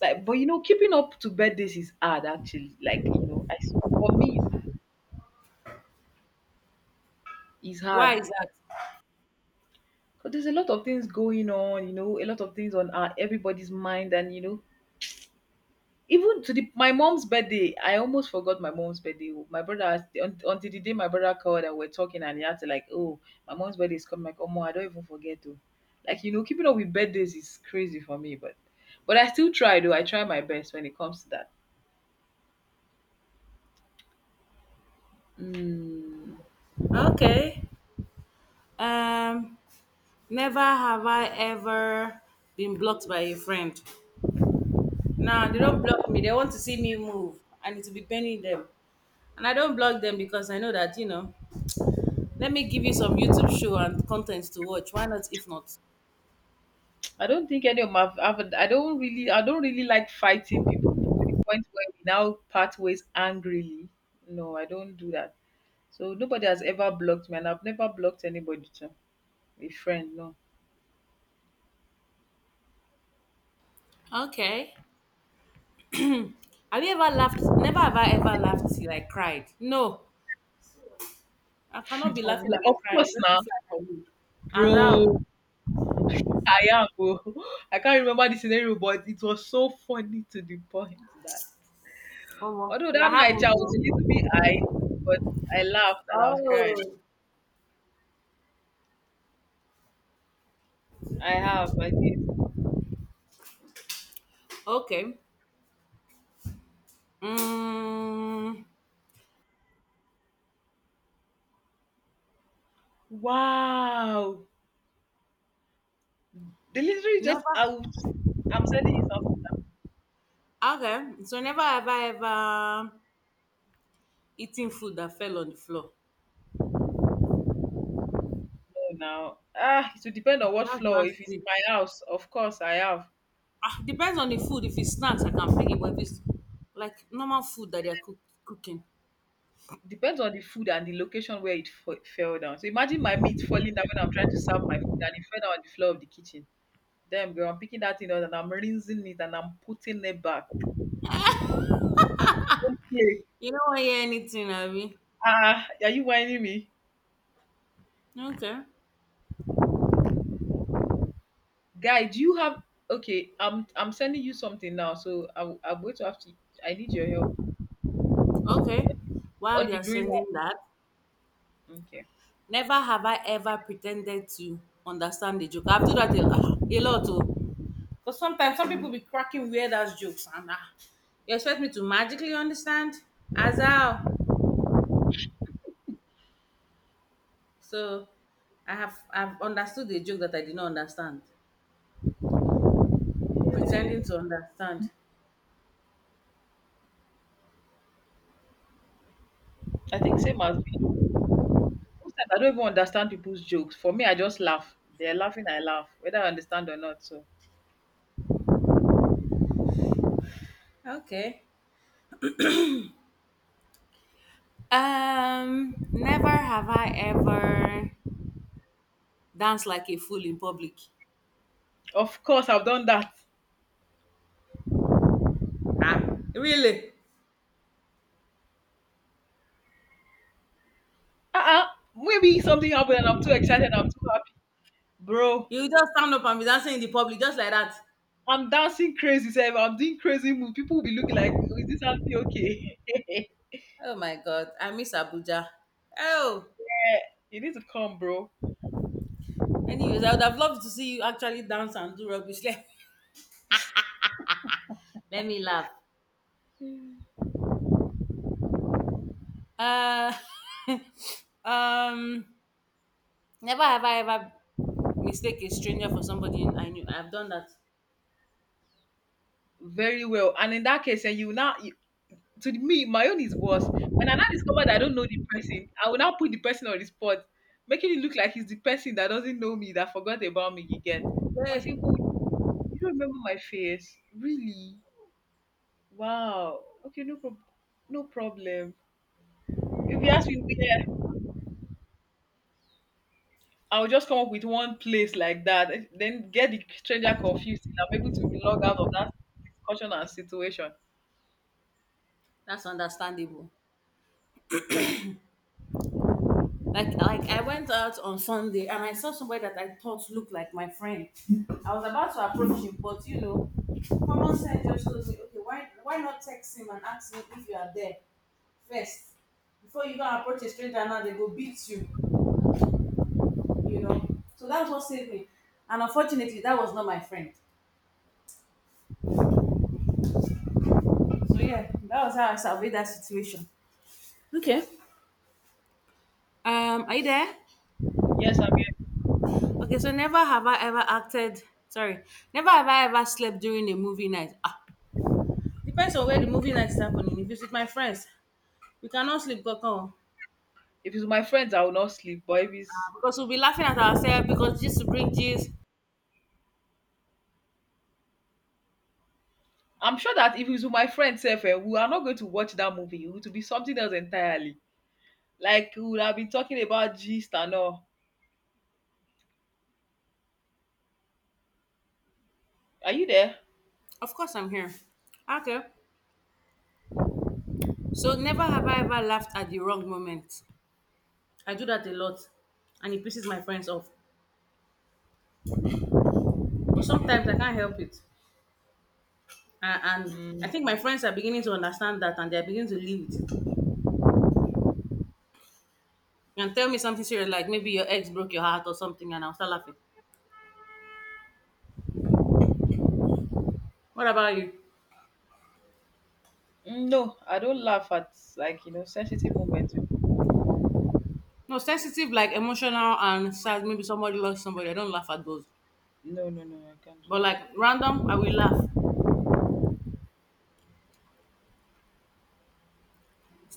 [SPEAKER 2] Like, but you know, keeping up to birthdays is hard actually. Like, you know, for me, it's
[SPEAKER 1] why
[SPEAKER 2] hard.
[SPEAKER 1] is that?
[SPEAKER 2] Because there's a lot of things going on, you know, a lot of things on our, everybody's mind, and you know, even to the my mom's birthday, I almost forgot my mom's birthday. Oh. My brother until the day my brother called and we're talking and he had to like, oh, my mom's birthday is coming. Like, oh, I don't even forget though. Like you know, keeping up with birthdays is crazy for me, but I still try though. I try my best when it comes to that. Mm,
[SPEAKER 1] Okay. Um. Never have I ever been blocked by a friend. Nah, they don't block me. They want to see me move, and it will be burning them. And I don't block them because I know that, you know, let me give you some YouTube show and content to watch. Why not if not?
[SPEAKER 2] I don't think any of my I've, I don't really like fighting people to the point where we now part ways angrily. No, I don't do that. So nobody has ever blocked me, and I've never blocked anybody too. A friend, no.
[SPEAKER 1] Okay. Have you ever laughed? Never have I ever laughed till I cried. No, I
[SPEAKER 2] I
[SPEAKER 1] cannot be
[SPEAKER 2] was
[SPEAKER 1] laughing
[SPEAKER 2] like,
[SPEAKER 1] and be
[SPEAKER 2] of
[SPEAKER 1] crying. It
[SPEAKER 2] course
[SPEAKER 1] doesn't
[SPEAKER 2] now,
[SPEAKER 1] fly for me. As
[SPEAKER 2] bro.
[SPEAKER 1] how?
[SPEAKER 2] I am, bro. I can't remember the scenario, but it was so funny to the point that
[SPEAKER 1] Omo,
[SPEAKER 2] although
[SPEAKER 1] I
[SPEAKER 2] that night I
[SPEAKER 1] haven't.
[SPEAKER 2] was a little
[SPEAKER 1] Oh.
[SPEAKER 2] bit high, but I laughed and I was crying.
[SPEAKER 1] Oh,
[SPEAKER 2] I did.
[SPEAKER 1] okay. Mm,
[SPEAKER 2] Wow. They literally just
[SPEAKER 1] never.
[SPEAKER 2] out. I'm sending you some
[SPEAKER 1] Okay. So never have I ever eaten food that fell on the floor.
[SPEAKER 2] floor now. Ah, it will depend on
[SPEAKER 1] Ah,
[SPEAKER 2] what
[SPEAKER 1] that's
[SPEAKER 2] floor. If it's in
[SPEAKER 1] nasty.
[SPEAKER 2] my house, of course I have.
[SPEAKER 1] Ah, depends on the food. If it's snacks, I can pick it. But if it's like normal food that they're cooking,
[SPEAKER 2] Depends on the food and the location where it fell down. So imagine my meat falling down when I'm trying to serve my food and it fell down on the floor of the kitchen. Damn girl, I'm picking that thing up and I'm rinsing it and I'm putting it back. Okay.
[SPEAKER 1] you don't want to hear anything, Abby.
[SPEAKER 2] Ah, are you whining me?
[SPEAKER 1] Okay.
[SPEAKER 2] Guy, do you have okay? I'm sending you something now, so I'm going to have to I need your help.
[SPEAKER 1] Okay. While
[SPEAKER 2] On the
[SPEAKER 1] you're
[SPEAKER 2] green
[SPEAKER 1] sending that,
[SPEAKER 2] line. Okay.
[SPEAKER 1] never have I ever pretended to understand the joke. I've done that a, ah, a lot. Oh. Because sometimes some people be cracking weird ass jokes. And ah, you expect me to magically understand? As how? So I have I've understood the joke that I did not understand. Pretending to understand.
[SPEAKER 2] I think same as me. Sometimes I don't even understand people's jokes. For me, I just laugh. They're laughing, I laugh, whether I understand or not. So
[SPEAKER 1] Okay. Never have I ever danced like a fool in public.
[SPEAKER 2] of course I've done that.
[SPEAKER 1] Ah, really?
[SPEAKER 2] Uh-uh. Maybe something happened and I'm too excited, I'm too happy. Bro,
[SPEAKER 1] You just stand up and be dancing in the public just like that.
[SPEAKER 2] I'm dancing crazy, Seb. I'm doing crazy moves. People will be looking like, "Oh, is this auntie okay?"
[SPEAKER 1] Oh my god, I miss Abuja. Oh,
[SPEAKER 2] You need to come, bro.
[SPEAKER 1] anyways, I would have loved to see you actually dance and do rubbish. Let, let me laugh. Uh, um, never have I ever mistake a stranger for somebody I knew. I've done that.
[SPEAKER 2] Very well. And in that case, and you now, you, to me, my own is worse. When I now discover that I don't know the person, I will now put the person on the spot, making it look like he's the person that doesn't know me, that forgot about me, you get. I
[SPEAKER 1] Hey,
[SPEAKER 2] say, oh, you don't remember my face? Really? Wow. Okay, no, problem. No problem. If you ask me, where? I'll just come up with one place like that, then get the stranger confused and I'm able to log out of that discussion and situation.
[SPEAKER 1] that's understandable. Like I went out on Sunday and I saw somebody that I thought looked like my friend. I was about to approach him, but you know, common sense just told me, okay, why not text him and ask him if you are there first before you go and approach a stranger and now they go beat you, you know. So that's what saved me. And unfortunately, that was not my friend. So yeah, that was how I surveyed that situation. Okay. Are you there?
[SPEAKER 2] Yes, I mean,
[SPEAKER 1] Okay, so never have I ever acted. Sorry, never have I ever slept during a movie night. Ah, depends on where the movie night is happening. If it's with my friends, we cannot sleep kankan.
[SPEAKER 2] if it's with my friends, I will not sleep. But if it's,
[SPEAKER 1] Because we'll be laughing at ourselves because this to bring this.
[SPEAKER 2] I'm sure that if it's with my friends, sef, eh, we are not going to watch that movie. It would be something else entirely. Like we would have been talking about gist and all. Are you there?
[SPEAKER 1] Of course I'm here. Okay. So never have I ever laughed at the wrong moment. I do that a lot and it pisses my friends off. But sometimes I can't help it. And I
[SPEAKER 2] Mm,
[SPEAKER 1] think my friends are beginning to understand that and they're beginning to live with it. And tell me something serious like maybe your ex broke your heart or something and I'll start laughing. What about you?
[SPEAKER 2] no, I don't laugh at like you know sensitive moments.
[SPEAKER 1] No, sensitive like emotional and sad. Maybe somebody lost somebody. I don't laugh at those.
[SPEAKER 2] No, no, no, I can't do
[SPEAKER 1] But
[SPEAKER 2] that.
[SPEAKER 1] like random, I will laugh.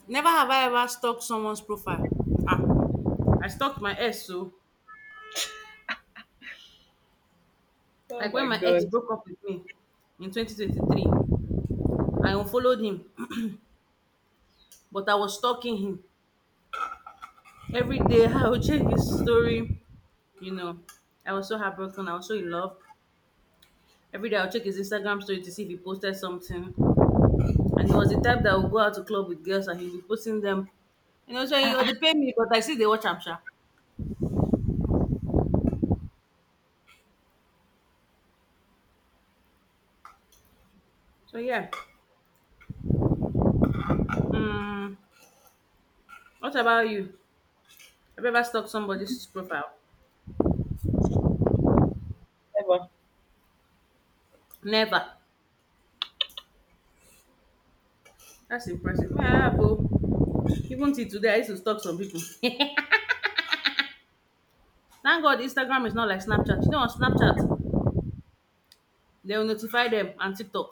[SPEAKER 1] Never have I ever stalked someone's profile. Ah, I stalked my ex. So
[SPEAKER 2] Oh
[SPEAKER 1] like when
[SPEAKER 2] my
[SPEAKER 1] my ex
[SPEAKER 2] god,
[SPEAKER 1] broke up with me in 2023, I unfollowed him, but I was stalking him every day. I would check his story. You know, I was so heartbroken. I was so in love. Every day I would check his Instagram story to see if he posted something. And he was the type that would go out to club with girls and he'd be posting them. You know, so
[SPEAKER 2] I,
[SPEAKER 1] he-
[SPEAKER 2] I
[SPEAKER 1] they pay me, but I see they watch Amsha. So yeah. Mm, what about you? Have you ever stalked somebody's profile?
[SPEAKER 2] never.
[SPEAKER 1] Never. That's impressive. Me, I have. Oh. Even till today, I used to stalk some people. Thank God Instagram is not like Snapchat. You know, on Snapchat, they will notify them and TikTok.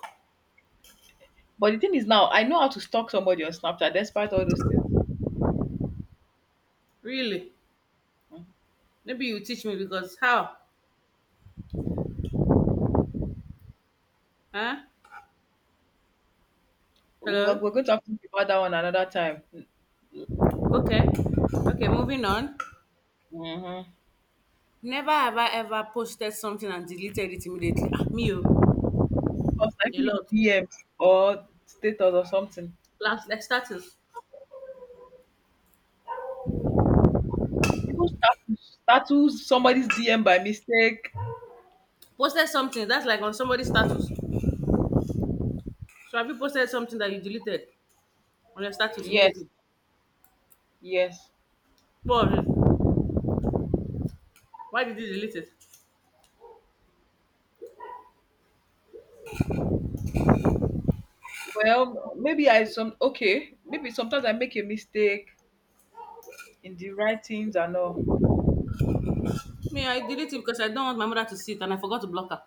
[SPEAKER 2] But the thing is now, I know how to stalk somebody on Snapchat despite all those things.
[SPEAKER 1] Really?
[SPEAKER 2] Mhm.
[SPEAKER 1] Maybe you teach me because how? Huh?
[SPEAKER 2] We're,
[SPEAKER 1] Hello?
[SPEAKER 2] we're going to have to talk about that one another time.
[SPEAKER 1] Okay. Okay, moving on.
[SPEAKER 2] Mm-hmm.
[SPEAKER 1] Never have I ever posted something and deleted it immediately. Ah, me, oh,
[SPEAKER 2] Or
[SPEAKER 1] a
[SPEAKER 2] typing in
[SPEAKER 1] lot.
[SPEAKER 2] DMs or status or something.
[SPEAKER 1] Last, like status.
[SPEAKER 2] People status, status somebody's DM by mistake.
[SPEAKER 1] Posted something, that's like on somebody's status. So have you posted something that you deleted on your status
[SPEAKER 2] Yes,
[SPEAKER 1] immediately?
[SPEAKER 2] yes.
[SPEAKER 1] What? Why did you delete it?
[SPEAKER 2] Well, maybe I some okay. Maybe sometimes I make a mistake in the writings and all.
[SPEAKER 1] Me, I deleted it because I don't want my mother to see it and I forgot to block her.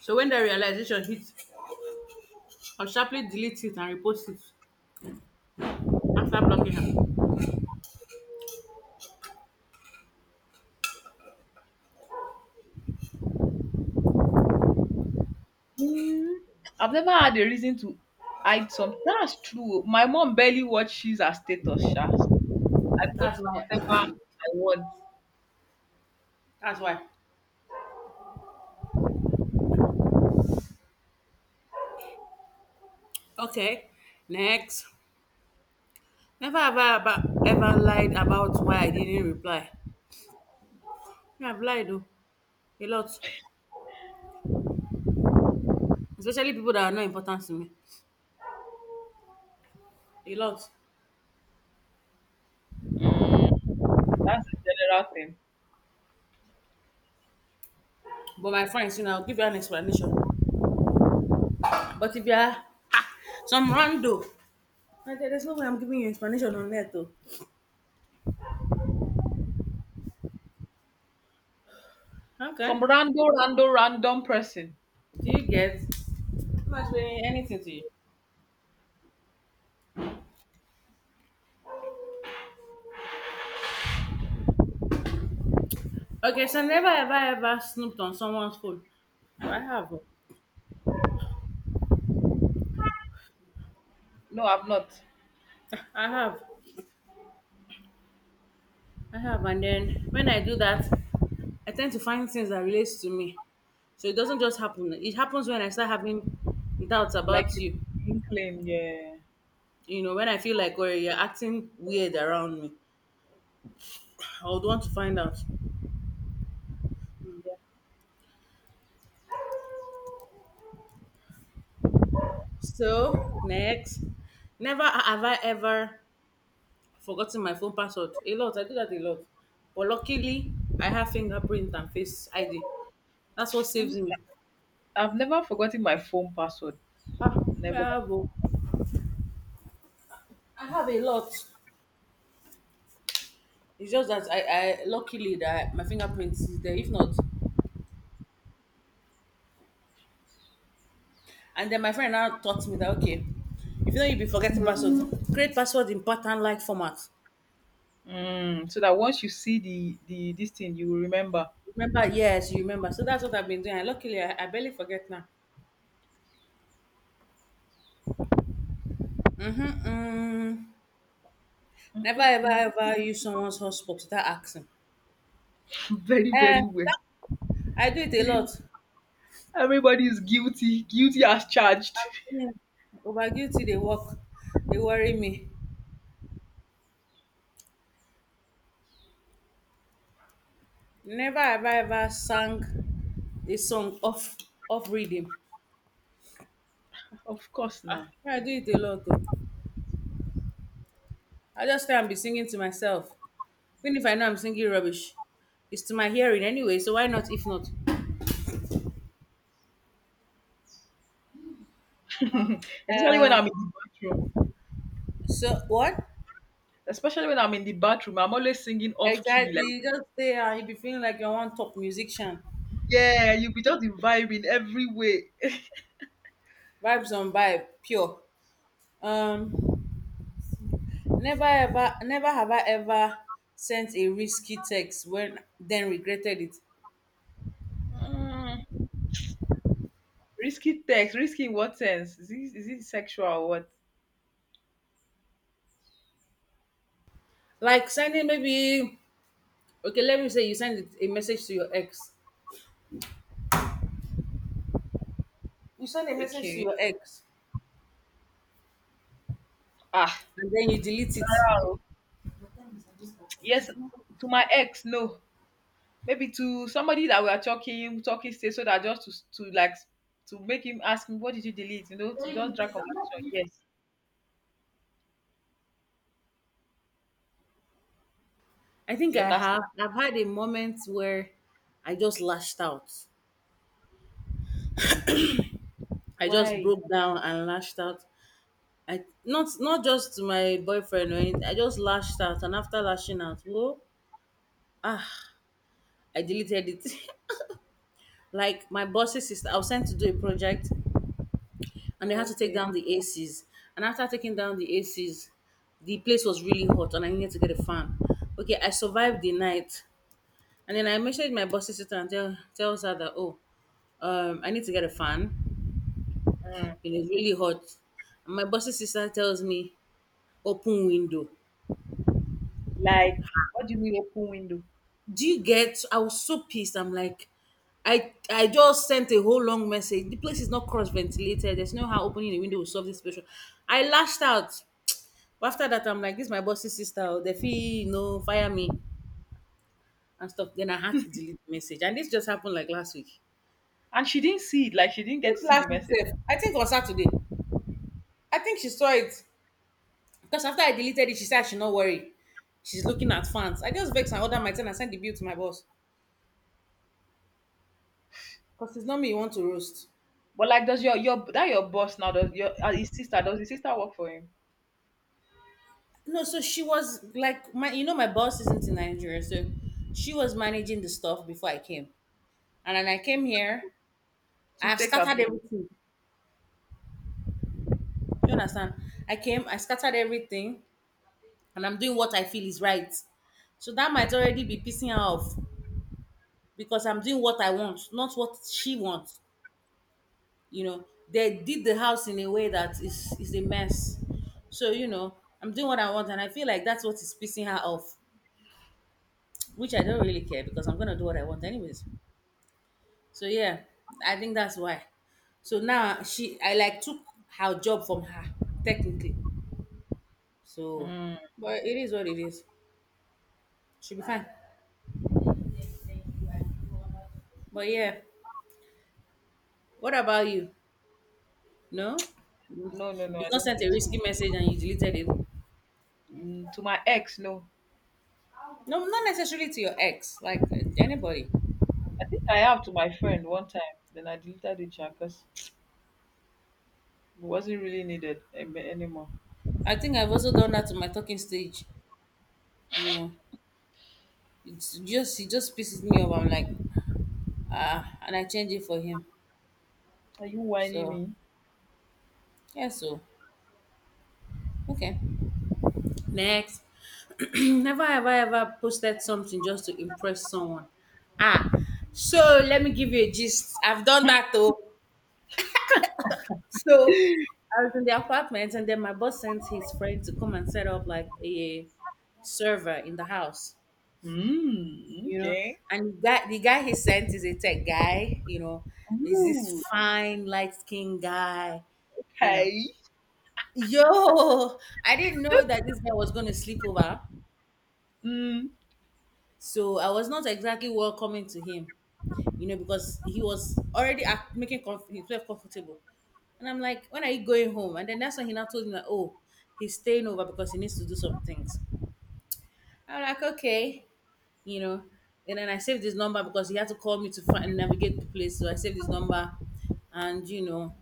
[SPEAKER 1] So when the realization hit, I'll sharply delete it and repost it after blocking her.
[SPEAKER 2] Hmm. I've never had a reason to hide something. That's true. My mom barely watches her status, sha. I post
[SPEAKER 1] That's why.
[SPEAKER 2] whatever I want.
[SPEAKER 1] That's why. Okay, next. Never have I aba- ever lied about why I didn't reply. Me, I've lied though, a lot. Especially people that are not important to me. A lot.
[SPEAKER 2] Mm, that's the general thing.
[SPEAKER 1] But my friends, you know, I'll give you an explanation. But if you are ah, some rando, I said, there's no way I'm giving you explanation on that though. Okay.
[SPEAKER 2] Some random, random, random person.
[SPEAKER 1] Do you get? I'm not explaining anything to you. Okay, so never ever ever snooped on someone's phone. I have. Oh.
[SPEAKER 2] No, I've not.
[SPEAKER 1] I have. I have. And then when I do that, I tend to find things that relates to me. So it doesn't just happen. It happens when I start having doubts
[SPEAKER 2] Like
[SPEAKER 1] about
[SPEAKER 2] it's
[SPEAKER 1] you.
[SPEAKER 2] inkling, yeah.
[SPEAKER 1] You know, when I feel like oh, you're acting weird around me. I would want to find out.
[SPEAKER 2] Yeah.
[SPEAKER 1] So next. Never have I ever forgotten my phone password. A lot. I do that a lot. But luckily I have fingerprint and face ID. That's what saves
[SPEAKER 2] Mm,
[SPEAKER 1] me.
[SPEAKER 2] I've never forgotten my phone password.
[SPEAKER 1] Ah, me,
[SPEAKER 2] Never.
[SPEAKER 1] I have a lot. It's just that I luckily that my fingerprint is there. If not, and then my friend now taught me that okay, if you know you'll be forgetting password. Create password in pattern like format.
[SPEAKER 2] Mm, so that once you see the this thing, you will remember.
[SPEAKER 1] Remember, yes, you remember. So that's what I've been doing. And luckily, I barely forget now. Mm-hmm, mm.
[SPEAKER 2] Mm,
[SPEAKER 1] Never
[SPEAKER 2] mm,
[SPEAKER 1] ever
[SPEAKER 2] mm.
[SPEAKER 1] ever use someone's hotspot without asking.
[SPEAKER 2] Very,
[SPEAKER 1] Eh,
[SPEAKER 2] very well.
[SPEAKER 1] I do it a lot. I'm
[SPEAKER 2] Everybody is guilty, guilty as charged.
[SPEAKER 1] telling you, over guilty, they worry me. Never ever ever sang a song off off reading.
[SPEAKER 2] Of course,
[SPEAKER 1] Ah,
[SPEAKER 2] now.
[SPEAKER 1] I do it a lot. Though, I just try and be singing to myself, even if I know I'm singing rubbish. It's to my hearing anyway, so why not? If not,
[SPEAKER 2] Especially when
[SPEAKER 1] um,
[SPEAKER 2] I'm in the bathroom.
[SPEAKER 1] so what
[SPEAKER 2] Especially when I'm in the bathroom, I'm always singing off key,
[SPEAKER 1] exactly?
[SPEAKER 2] like
[SPEAKER 1] You just stay and you be feeling like you're one top musician.
[SPEAKER 2] yeah, you'll be just the vibe in every way.
[SPEAKER 1] Vibes on vibe, pure. Um, never ever, never have I ever sent a risky text when then regretted it.
[SPEAKER 2] Mm, risky text, risky in what sense? Is it sexual or what?
[SPEAKER 1] Like sending maybe okay, let me say you send a message to your ex. You send a message to
[SPEAKER 2] Okay.
[SPEAKER 1] your ex
[SPEAKER 2] Ah,
[SPEAKER 1] And then you delete it.
[SPEAKER 2] oh, yes, to my ex, no. Maybe to somebody that we are talking, talking state, so that just to like to make him ask me, what did you delete? You know, to just drag conversation. Yes,
[SPEAKER 1] I think
[SPEAKER 2] you
[SPEAKER 1] I
[SPEAKER 2] understand
[SPEAKER 1] have. I've had a moment where I just lashed out. I just
[SPEAKER 2] why?
[SPEAKER 1] broke down and lashed out. I not just to my boyfriend or anything. I just lashed out, and after lashing out, whoa, ah, I deleted it. Like my boss's sister, I was sent to do a project, and
[SPEAKER 2] Oh,
[SPEAKER 1] they had to take
[SPEAKER 2] okay.
[SPEAKER 1] down the ACs. And after taking down the ACs, the place was really hot, and I needed to get a fan. Okay, I survived the night. And then I messaged my boss's sister and tells her that, oh, I need to get a fan.
[SPEAKER 2] Mm,
[SPEAKER 1] It is really hot. And my boss's sister tells me, open window.
[SPEAKER 2] like, what do you mean open window?
[SPEAKER 1] Do you get? I was so pissed. I'm like, I just sent a whole long message. The place is not cross ventilated. There's no how opening the window will solve this situation. I lashed out. But after that, I'm like, this is my boss's sister. Oh, they feel, you know, fire me and stuff. Then I had to delete the message. And this just happened like last week.
[SPEAKER 2] And she didn't see it. Like she didn't get
[SPEAKER 1] Not
[SPEAKER 2] to see the
[SPEAKER 1] last
[SPEAKER 2] message.
[SPEAKER 1] week, sef. I think it was Saturday. I think she saw it. Because after I deleted it, she said I should not worry. She's looking at fans. I just vexed and ordered my ten and sent the bill to my boss. Because it's not me you want to roast.
[SPEAKER 2] But like, does your that your boss now? Does your his sister? Does his sister work for him
[SPEAKER 1] No, so she was like my, you know, my boss isn't in Nigeria, so she was managing the stuff before I came. And when I came here, I
[SPEAKER 2] to
[SPEAKER 1] have
[SPEAKER 2] take her
[SPEAKER 1] scattered
[SPEAKER 2] place?
[SPEAKER 1] everything. You understand? I came, I scattered everything, and I'm doing what I feel is right. So that might already be pissing her off because I'm doing what I want, not what she wants. You know they did the house in a way that is a mess, so you know I'm doing what I want and I feel like that's what is pissing her off. Which I don't really care because I'm gonna do what I want anyways. So yeah, I think that's why. So now she, I like took her job from her technically, so.
[SPEAKER 2] Mm,
[SPEAKER 1] But it is what it is. She'll be fine. But yeah, what about you? No,
[SPEAKER 2] no, no, no.
[SPEAKER 1] you've
[SPEAKER 2] I
[SPEAKER 1] not
[SPEAKER 2] don't
[SPEAKER 1] sent a
[SPEAKER 2] think so.
[SPEAKER 1] risky message and you deleted it?
[SPEAKER 2] Mm, to my ex, no.
[SPEAKER 1] No, not necessarily to your ex, like anybody.
[SPEAKER 2] I think I have to my friend one time. Then I deleted the chat because it wasn't really needed anymore.
[SPEAKER 1] I think I've also done that to my talking stage. You know, it's just he just pisses me off. I'm like, ah, and I change it for him.
[SPEAKER 2] Are you whining
[SPEAKER 1] So
[SPEAKER 2] me?
[SPEAKER 1] yeah, so okay. Next, never have I ever posted something just to impress someone. Ah, so let me give you a gist. I've done that though. So I was in the apartment, and then my boss sent his friend to come and set up like a server in the house.
[SPEAKER 2] Mm,
[SPEAKER 1] You know.
[SPEAKER 2] okay.
[SPEAKER 1] And the guy he sent is a tech guy, you know, is this
[SPEAKER 2] Ooh,
[SPEAKER 1] fine, light skinned guy, you know.
[SPEAKER 2] okay.
[SPEAKER 1] Yo, I didn't know that this guy was going to sleep over.
[SPEAKER 2] Mm,
[SPEAKER 1] So I was not exactly welcoming to him, you know, because he was already act- making comf- himself comfortable. And I'm like, when are you going home? And then that's when he now told me that, oh, he's staying over because he needs to do some things. I'm like, okay. You know. And then I saved his number because he had to call me to find navigate the place. So I saved his number, and you know,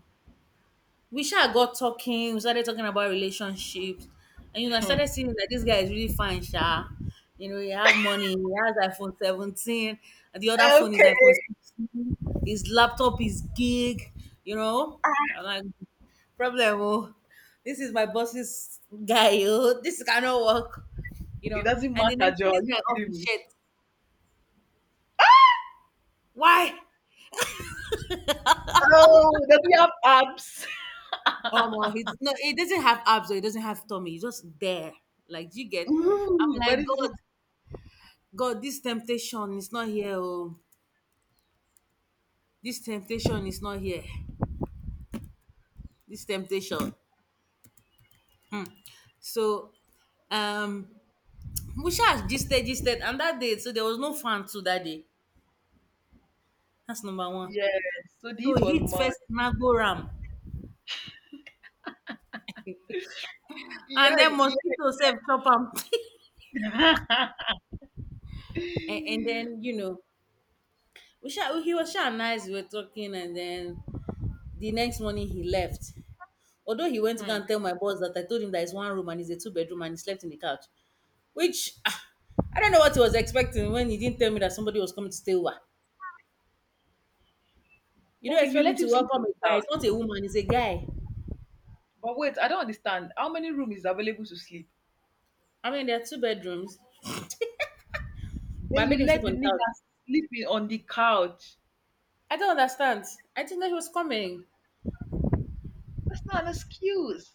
[SPEAKER 1] we sure got talking. We started talking about relationships, and you know, I
[SPEAKER 2] hmm.
[SPEAKER 1] started seeing that this guy is really fine, sha. You know, he have money. He has iPhone 17. And the other phone is iPhone
[SPEAKER 2] Okay.
[SPEAKER 1] 16. His laptop is gig. You know, I'm like problem. Oh, this is my boss's guy. Oh, this cannot work, you
[SPEAKER 2] It
[SPEAKER 1] know.
[SPEAKER 2] doesn't
[SPEAKER 1] And the
[SPEAKER 2] matter,
[SPEAKER 1] next
[SPEAKER 2] Joe.
[SPEAKER 1] this
[SPEAKER 2] Are you
[SPEAKER 1] guy off
[SPEAKER 2] kidding
[SPEAKER 1] his
[SPEAKER 2] me?
[SPEAKER 1] shirt. Why?
[SPEAKER 2] Oh, does he have abs?
[SPEAKER 1] Oh my, he's no, he doesn't have abs or he doesn't have tummy. He's just there. Like, do you get?
[SPEAKER 2] Ooh,
[SPEAKER 1] I'm like,
[SPEAKER 2] but it's just,
[SPEAKER 1] God, God, this temptation is not here. Oh, this temptation is not here. This temptation. So, um, Musha gisted, and that day, so there was no fan too that day. That's number one.
[SPEAKER 2] yeah. So
[SPEAKER 1] So
[SPEAKER 2] this was
[SPEAKER 1] heat
[SPEAKER 2] mad.
[SPEAKER 1] first mango ram,
[SPEAKER 2] Yeah,
[SPEAKER 1] and then
[SPEAKER 2] yeah.
[SPEAKER 1] mosquito self chop am. And then you know, we sha, he was sha nice. We were talking, and then the next morning he left. Although he went to go
[SPEAKER 2] Hmm.
[SPEAKER 1] and tell my boss that I told him that it's one room and it's a two bedroom and he slept in the couch, which ah, I don't know what he was expecting when he didn't tell me that somebody was coming to stay over. You don't
[SPEAKER 2] Okay, you
[SPEAKER 1] expect me
[SPEAKER 2] let
[SPEAKER 1] to
[SPEAKER 2] him sleep
[SPEAKER 1] welcome
[SPEAKER 2] on the
[SPEAKER 1] a guy. It's
[SPEAKER 2] couch.
[SPEAKER 1] not a woman, it's a guy.
[SPEAKER 2] But wait, I don't understand. How many rooms is available to sleep?
[SPEAKER 1] I mean, there are two bedrooms, but
[SPEAKER 2] Then
[SPEAKER 1] I
[SPEAKER 2] you
[SPEAKER 1] made him sleep
[SPEAKER 2] let the
[SPEAKER 1] on the couch.
[SPEAKER 2] nigga on the couch.
[SPEAKER 1] I don't understand. I didn't know he was coming.
[SPEAKER 2] That's not an excuse.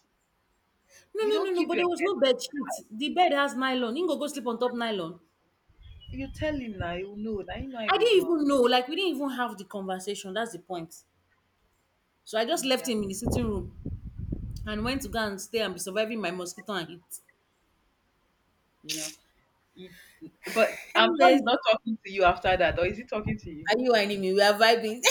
[SPEAKER 1] No,
[SPEAKER 2] You
[SPEAKER 1] no, no,
[SPEAKER 2] don't
[SPEAKER 1] no,
[SPEAKER 2] keep
[SPEAKER 1] but
[SPEAKER 2] your
[SPEAKER 1] there was no
[SPEAKER 2] head.
[SPEAKER 1] bed sheet. The bed has nylon. You go sleep on top nylon.
[SPEAKER 2] You tell him now, you know. Now you know I
[SPEAKER 1] I
[SPEAKER 2] go do
[SPEAKER 1] didn't
[SPEAKER 2] am.
[SPEAKER 1] even know. Like, we didn't even have the conversation. That's the point. So I just left
[SPEAKER 2] Yeah.
[SPEAKER 1] him in the sitting room and went to go and stay and be surviving my mosquito and heat. you know.
[SPEAKER 2] He- but I'm sure
[SPEAKER 1] Anyways,
[SPEAKER 2] he's not talking to you after that, or is he talking to you?
[SPEAKER 1] are you and him? We are vibing.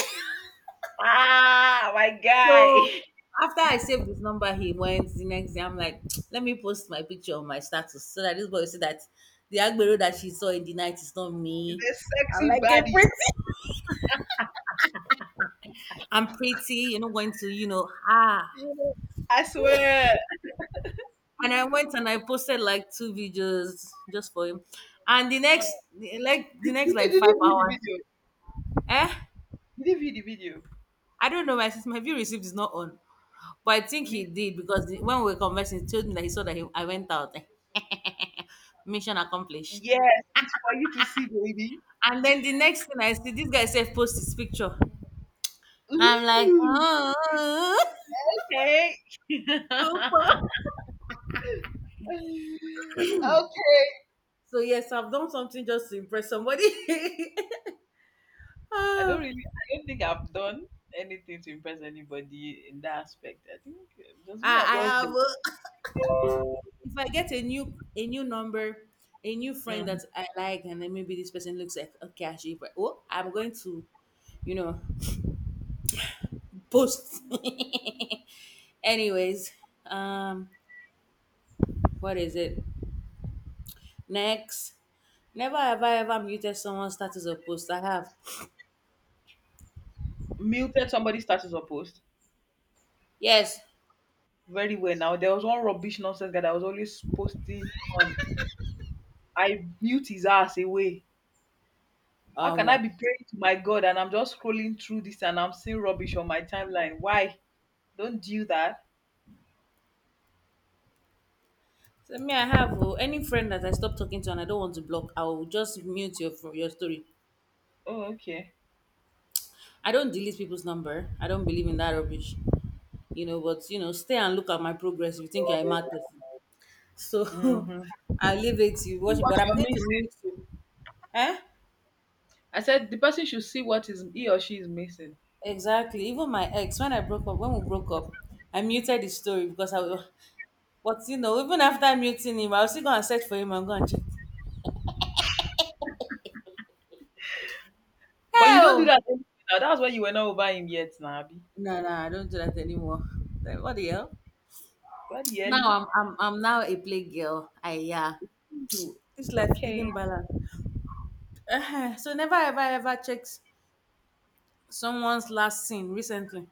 [SPEAKER 2] Ah, my guy.
[SPEAKER 1] So after I saved his number, he went the next day. I'm like, let me post my picture on my status so that this boy will see that the Agbero that she saw in the night is not
[SPEAKER 2] He's
[SPEAKER 1] me.
[SPEAKER 2] a
[SPEAKER 1] I'm
[SPEAKER 2] sexy
[SPEAKER 1] like, "You're
[SPEAKER 2] body.
[SPEAKER 1] pretty. I'm pretty. You're not going to, ah.
[SPEAKER 2] You know, I swear.
[SPEAKER 1] And I went and I posted like two videos just for him. And
[SPEAKER 2] Uh,
[SPEAKER 1] the next like
[SPEAKER 2] did
[SPEAKER 1] five
[SPEAKER 2] you view the
[SPEAKER 1] hours,
[SPEAKER 2] video?
[SPEAKER 1] eh?
[SPEAKER 2] Did you view the video?
[SPEAKER 1] I don't know, my sis, my view received is not on. But I think he
[SPEAKER 2] Me,
[SPEAKER 1] did because when we were conversing, he told me that he saw that I went out. Eh, mission accomplished.
[SPEAKER 2] yes, it's for you to see, baby.
[SPEAKER 1] And then the next thing I see, this guy said, post his picture. I'm like,
[SPEAKER 2] Ooh,
[SPEAKER 1] oh.
[SPEAKER 2] okay, okay.
[SPEAKER 1] So yes, I've done something just to impress somebody. Ah,
[SPEAKER 2] I don't think I've done anything to impress anybody in that aspect. I think just me, I'm
[SPEAKER 1] I
[SPEAKER 2] just
[SPEAKER 1] have.
[SPEAKER 2] there.
[SPEAKER 1] If I get a new number, a new friend
[SPEAKER 2] Mm.
[SPEAKER 1] that I like, and then maybe this person looks like okay, actually, but oh, I'm going to, you know, post. Anyways, um, what is it? Next, never have I ever muted someone's status or post. I have.
[SPEAKER 2] Muted somebody's status or post
[SPEAKER 1] Yes.
[SPEAKER 2] very well. Now there was one rubbish nonsense guy that was always posting on. I mute his ass away. How can I
[SPEAKER 1] Um.
[SPEAKER 2] be praying to my God and I'm just scrolling through this and I'm seeing rubbish on my timeline? Why? Don't do that.
[SPEAKER 1] So me, I have oh, any friend that I stop talking to and I don't want to block, I will just mute your story.
[SPEAKER 2] Oh, okay.
[SPEAKER 1] I don't delete people's number. I don't believe in that rubbish. You know, but you know, stay and look at my progress if you think you're a mad person. So
[SPEAKER 2] Mm-hmm.
[SPEAKER 1] I leave it to you
[SPEAKER 2] See
[SPEAKER 1] watch it,
[SPEAKER 2] what
[SPEAKER 1] but I'm
[SPEAKER 2] you're
[SPEAKER 1] going to
[SPEAKER 2] missing.
[SPEAKER 1] mute you. Eh?
[SPEAKER 2] I said the person should see what is he or she is missing.
[SPEAKER 1] Exactly. Even my ex, when I broke up, when we broke up, I muted his story because I was. But you know, even after muting him, I'll still go and search for him and go and check.
[SPEAKER 2] But you don't do
[SPEAKER 1] Hell!
[SPEAKER 2] that anymore now. That's why you were not over him yet, now, Abi.
[SPEAKER 1] No, no, I don't do that anymore. Like, what the hell?
[SPEAKER 2] Bloody early.
[SPEAKER 1] Now I'm now a play girl. I yeah.
[SPEAKER 2] Ooh,
[SPEAKER 1] This life
[SPEAKER 2] okay.
[SPEAKER 1] didn't balance. So never ever ever checked someone's last scene recently.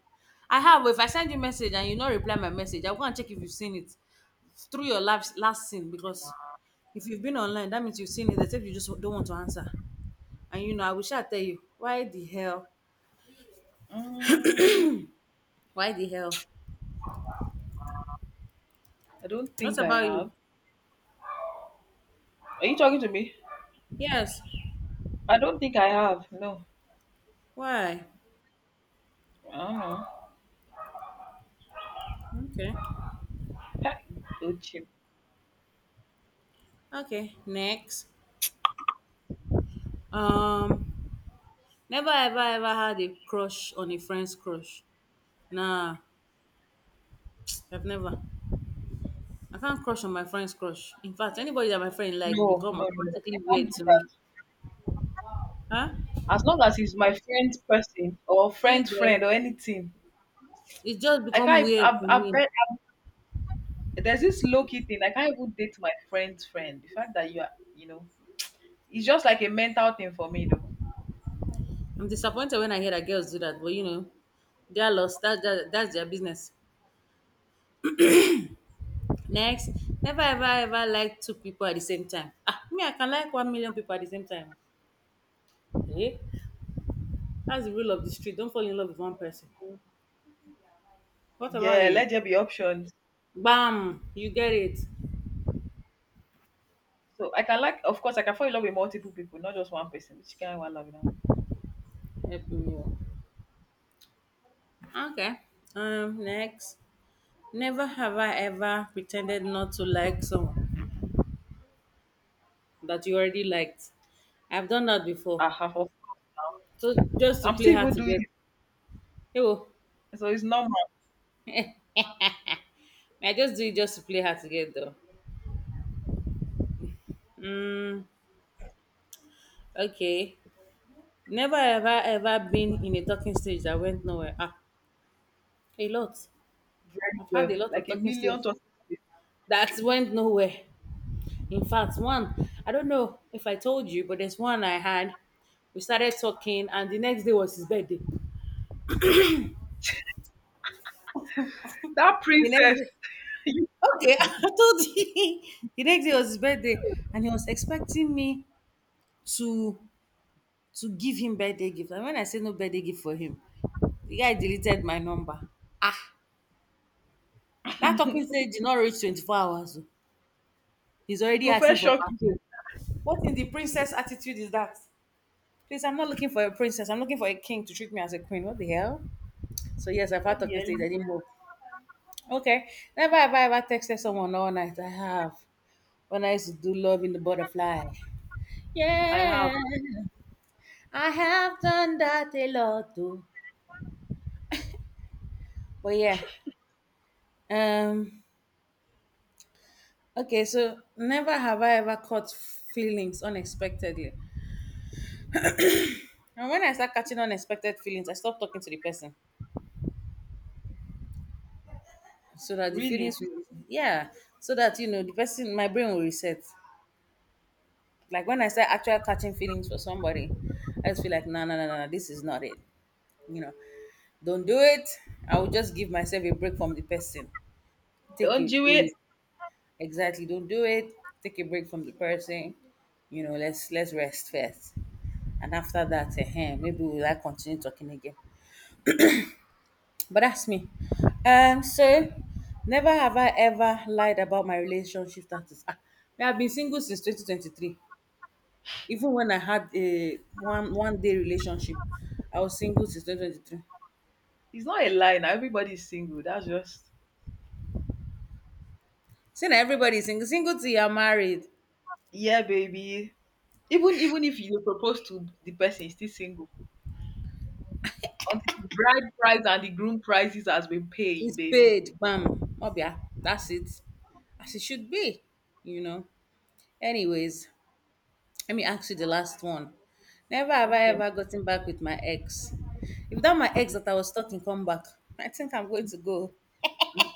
[SPEAKER 1] I have. If I send you message and you not reply my message, I'll go and check if you've seen it through your last last scene because if you've been online, that means you've seen it. Except you just don't want to answer. And you know, I wish I tell you why the
[SPEAKER 2] Mm,
[SPEAKER 1] why the hell.
[SPEAKER 2] I don't
[SPEAKER 1] What
[SPEAKER 2] think I
[SPEAKER 1] about you?
[SPEAKER 2] have. Are you talking to me?
[SPEAKER 1] Yes.
[SPEAKER 2] I don't think I have. No.
[SPEAKER 1] Why?
[SPEAKER 2] I don't know.
[SPEAKER 1] Okay.
[SPEAKER 2] Ha, oh, chim.
[SPEAKER 1] Okay. Next. Um. Never ever ever had a crush on a friend's crush. Nah, I've never. I can't crush on my friend's crush. In fact, anybody that my friend likes
[SPEAKER 2] No,
[SPEAKER 1] become
[SPEAKER 2] no, no, no. I
[SPEAKER 1] automatically
[SPEAKER 2] can't
[SPEAKER 1] weird
[SPEAKER 2] do
[SPEAKER 1] to me.
[SPEAKER 2] that.
[SPEAKER 1] Huh?
[SPEAKER 2] As long as he's my friend's person or
[SPEAKER 1] Do you
[SPEAKER 2] friend's
[SPEAKER 1] get?
[SPEAKER 2] friend or anything,
[SPEAKER 1] It just
[SPEAKER 2] I
[SPEAKER 1] become
[SPEAKER 2] can't.
[SPEAKER 1] weird to me.
[SPEAKER 2] Bet there's this low key thing. I can't even date my friend's friend. The fact that you are, you know, it's just like a mental thing for me, though.
[SPEAKER 1] I'm disappointed when I hear that girls do that, but you know, they're lost. That that's their business. Next, never ever ever like two people at the same time. Ah, me, I can like 1 million people at the same time. Eh? That's the rule of the street. Don't fall in love with one person. What about
[SPEAKER 2] Yeah,
[SPEAKER 1] you?
[SPEAKER 2] let there be options.
[SPEAKER 1] Bam! You get it.
[SPEAKER 2] So I can like, of course, I can fall in love with multiple people, not just one person. Which kind of love now?
[SPEAKER 1] Helping you. Okay. Next. Never have I ever pretended not to like someone that you already liked. I've done that before.
[SPEAKER 2] I have.
[SPEAKER 1] So just to
[SPEAKER 2] I'm
[SPEAKER 1] play
[SPEAKER 2] still
[SPEAKER 1] hard
[SPEAKER 2] even
[SPEAKER 1] to
[SPEAKER 2] doing
[SPEAKER 1] get. Oh,
[SPEAKER 2] it, so it's normal.
[SPEAKER 1] I just do it just to play hard to get though. Mm, okay. Never have I ever been in a talking stage that went nowhere. Ah, a lot.
[SPEAKER 2] Very
[SPEAKER 1] I've had a
[SPEAKER 2] well,
[SPEAKER 1] lot of
[SPEAKER 2] like a
[SPEAKER 1] talking stage
[SPEAKER 2] million to
[SPEAKER 1] that went nowhere. In fact, one, I don't know if I told you, but there's one I had. We started talking, and the next day was his birthday.
[SPEAKER 2] that
[SPEAKER 1] The next
[SPEAKER 2] princess.
[SPEAKER 1] day, okay, I told you. The next day was his birthday, and he was expecting me to to give him birthday gift. And when I said no birthday gift for him, the guy deleted my number. Ah, that talking stage did not reach 24 hours. Oh. He's
[SPEAKER 2] You
[SPEAKER 1] already
[SPEAKER 2] go
[SPEAKER 1] asking
[SPEAKER 2] first
[SPEAKER 1] for
[SPEAKER 2] shock you.
[SPEAKER 1] party. What in the princess attitude is that? Please, I'm not looking for a princess. I'm looking for a king to treat me as a queen. What the hell? So yes, I've
[SPEAKER 2] Where
[SPEAKER 1] had
[SPEAKER 2] the
[SPEAKER 1] talking stage.
[SPEAKER 2] hell
[SPEAKER 1] I didn't move. Okay. Never have I ever texted someone all night. I have. When I used to do love in the butterfly.
[SPEAKER 2] I
[SPEAKER 1] Yeah.
[SPEAKER 2] have
[SPEAKER 1] I have done that a lot too. But yeah. Um okay, so never have I ever caught feelings unexpectedly. And when I start catching unexpected feelings, I stop talking to the person. So that the
[SPEAKER 2] really?
[SPEAKER 1] feelings will. Yeah. So that you know the person my brain will reset. Like when I start actually catching feelings for somebody, I just feel like, no, no, no, no, no, this is not it. You know, don't do it. I will just give myself a break from the person. Take
[SPEAKER 2] Don't
[SPEAKER 1] it
[SPEAKER 2] do it.
[SPEAKER 1] easy. Exactly. Don't do it. Take a break from the person. You know, let's rest first, and after that, eh, maybe we'll like continue talking again. But that's me. So never have I ever lied about my relationship status. Ah, me, I've been single since 2023. Even when I had a one day relationship, I was single since 2023.
[SPEAKER 2] It's not a lie now. Everybody's single. That's just
[SPEAKER 1] Saying that everybody is single, single till you're married,
[SPEAKER 2] yeah, baby. Even even if you propose to the person, is still single. Until the bride price and the groom prices has been paid,
[SPEAKER 1] it's
[SPEAKER 2] baby.
[SPEAKER 1] paid, bam, mobia. That's it, as it should be, you know. Anyways, let me ask you the last one. Never have I
[SPEAKER 2] Okay.
[SPEAKER 1] ever gotten back with my ex. If that my ex that I was talking come back, I think I'm going to go.
[SPEAKER 2] N-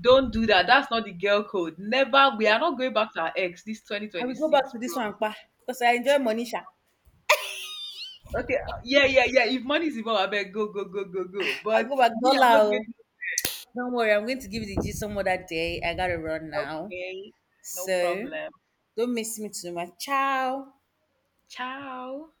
[SPEAKER 2] Don't do that. That's not the girl code. Never. We are not going back to our ex this
[SPEAKER 1] I will go back
[SPEAKER 2] 2026,
[SPEAKER 1] to this
[SPEAKER 2] bro.
[SPEAKER 1] one, pa, because I enjoy Monisha.
[SPEAKER 2] Okay. Yeah, yeah, yeah. If money is involved, I bet go, go, go, go, go.
[SPEAKER 1] I'll
[SPEAKER 2] But
[SPEAKER 1] go back
[SPEAKER 2] me, I'm
[SPEAKER 1] dollar.
[SPEAKER 2] not going
[SPEAKER 1] Oh. Don't worry, I'm going to give you the G some other day. I gotta run
[SPEAKER 2] to.
[SPEAKER 1] now.
[SPEAKER 2] Okay. No
[SPEAKER 1] So
[SPEAKER 2] problem.
[SPEAKER 1] don't miss me too much. Ciao.
[SPEAKER 2] Ciao.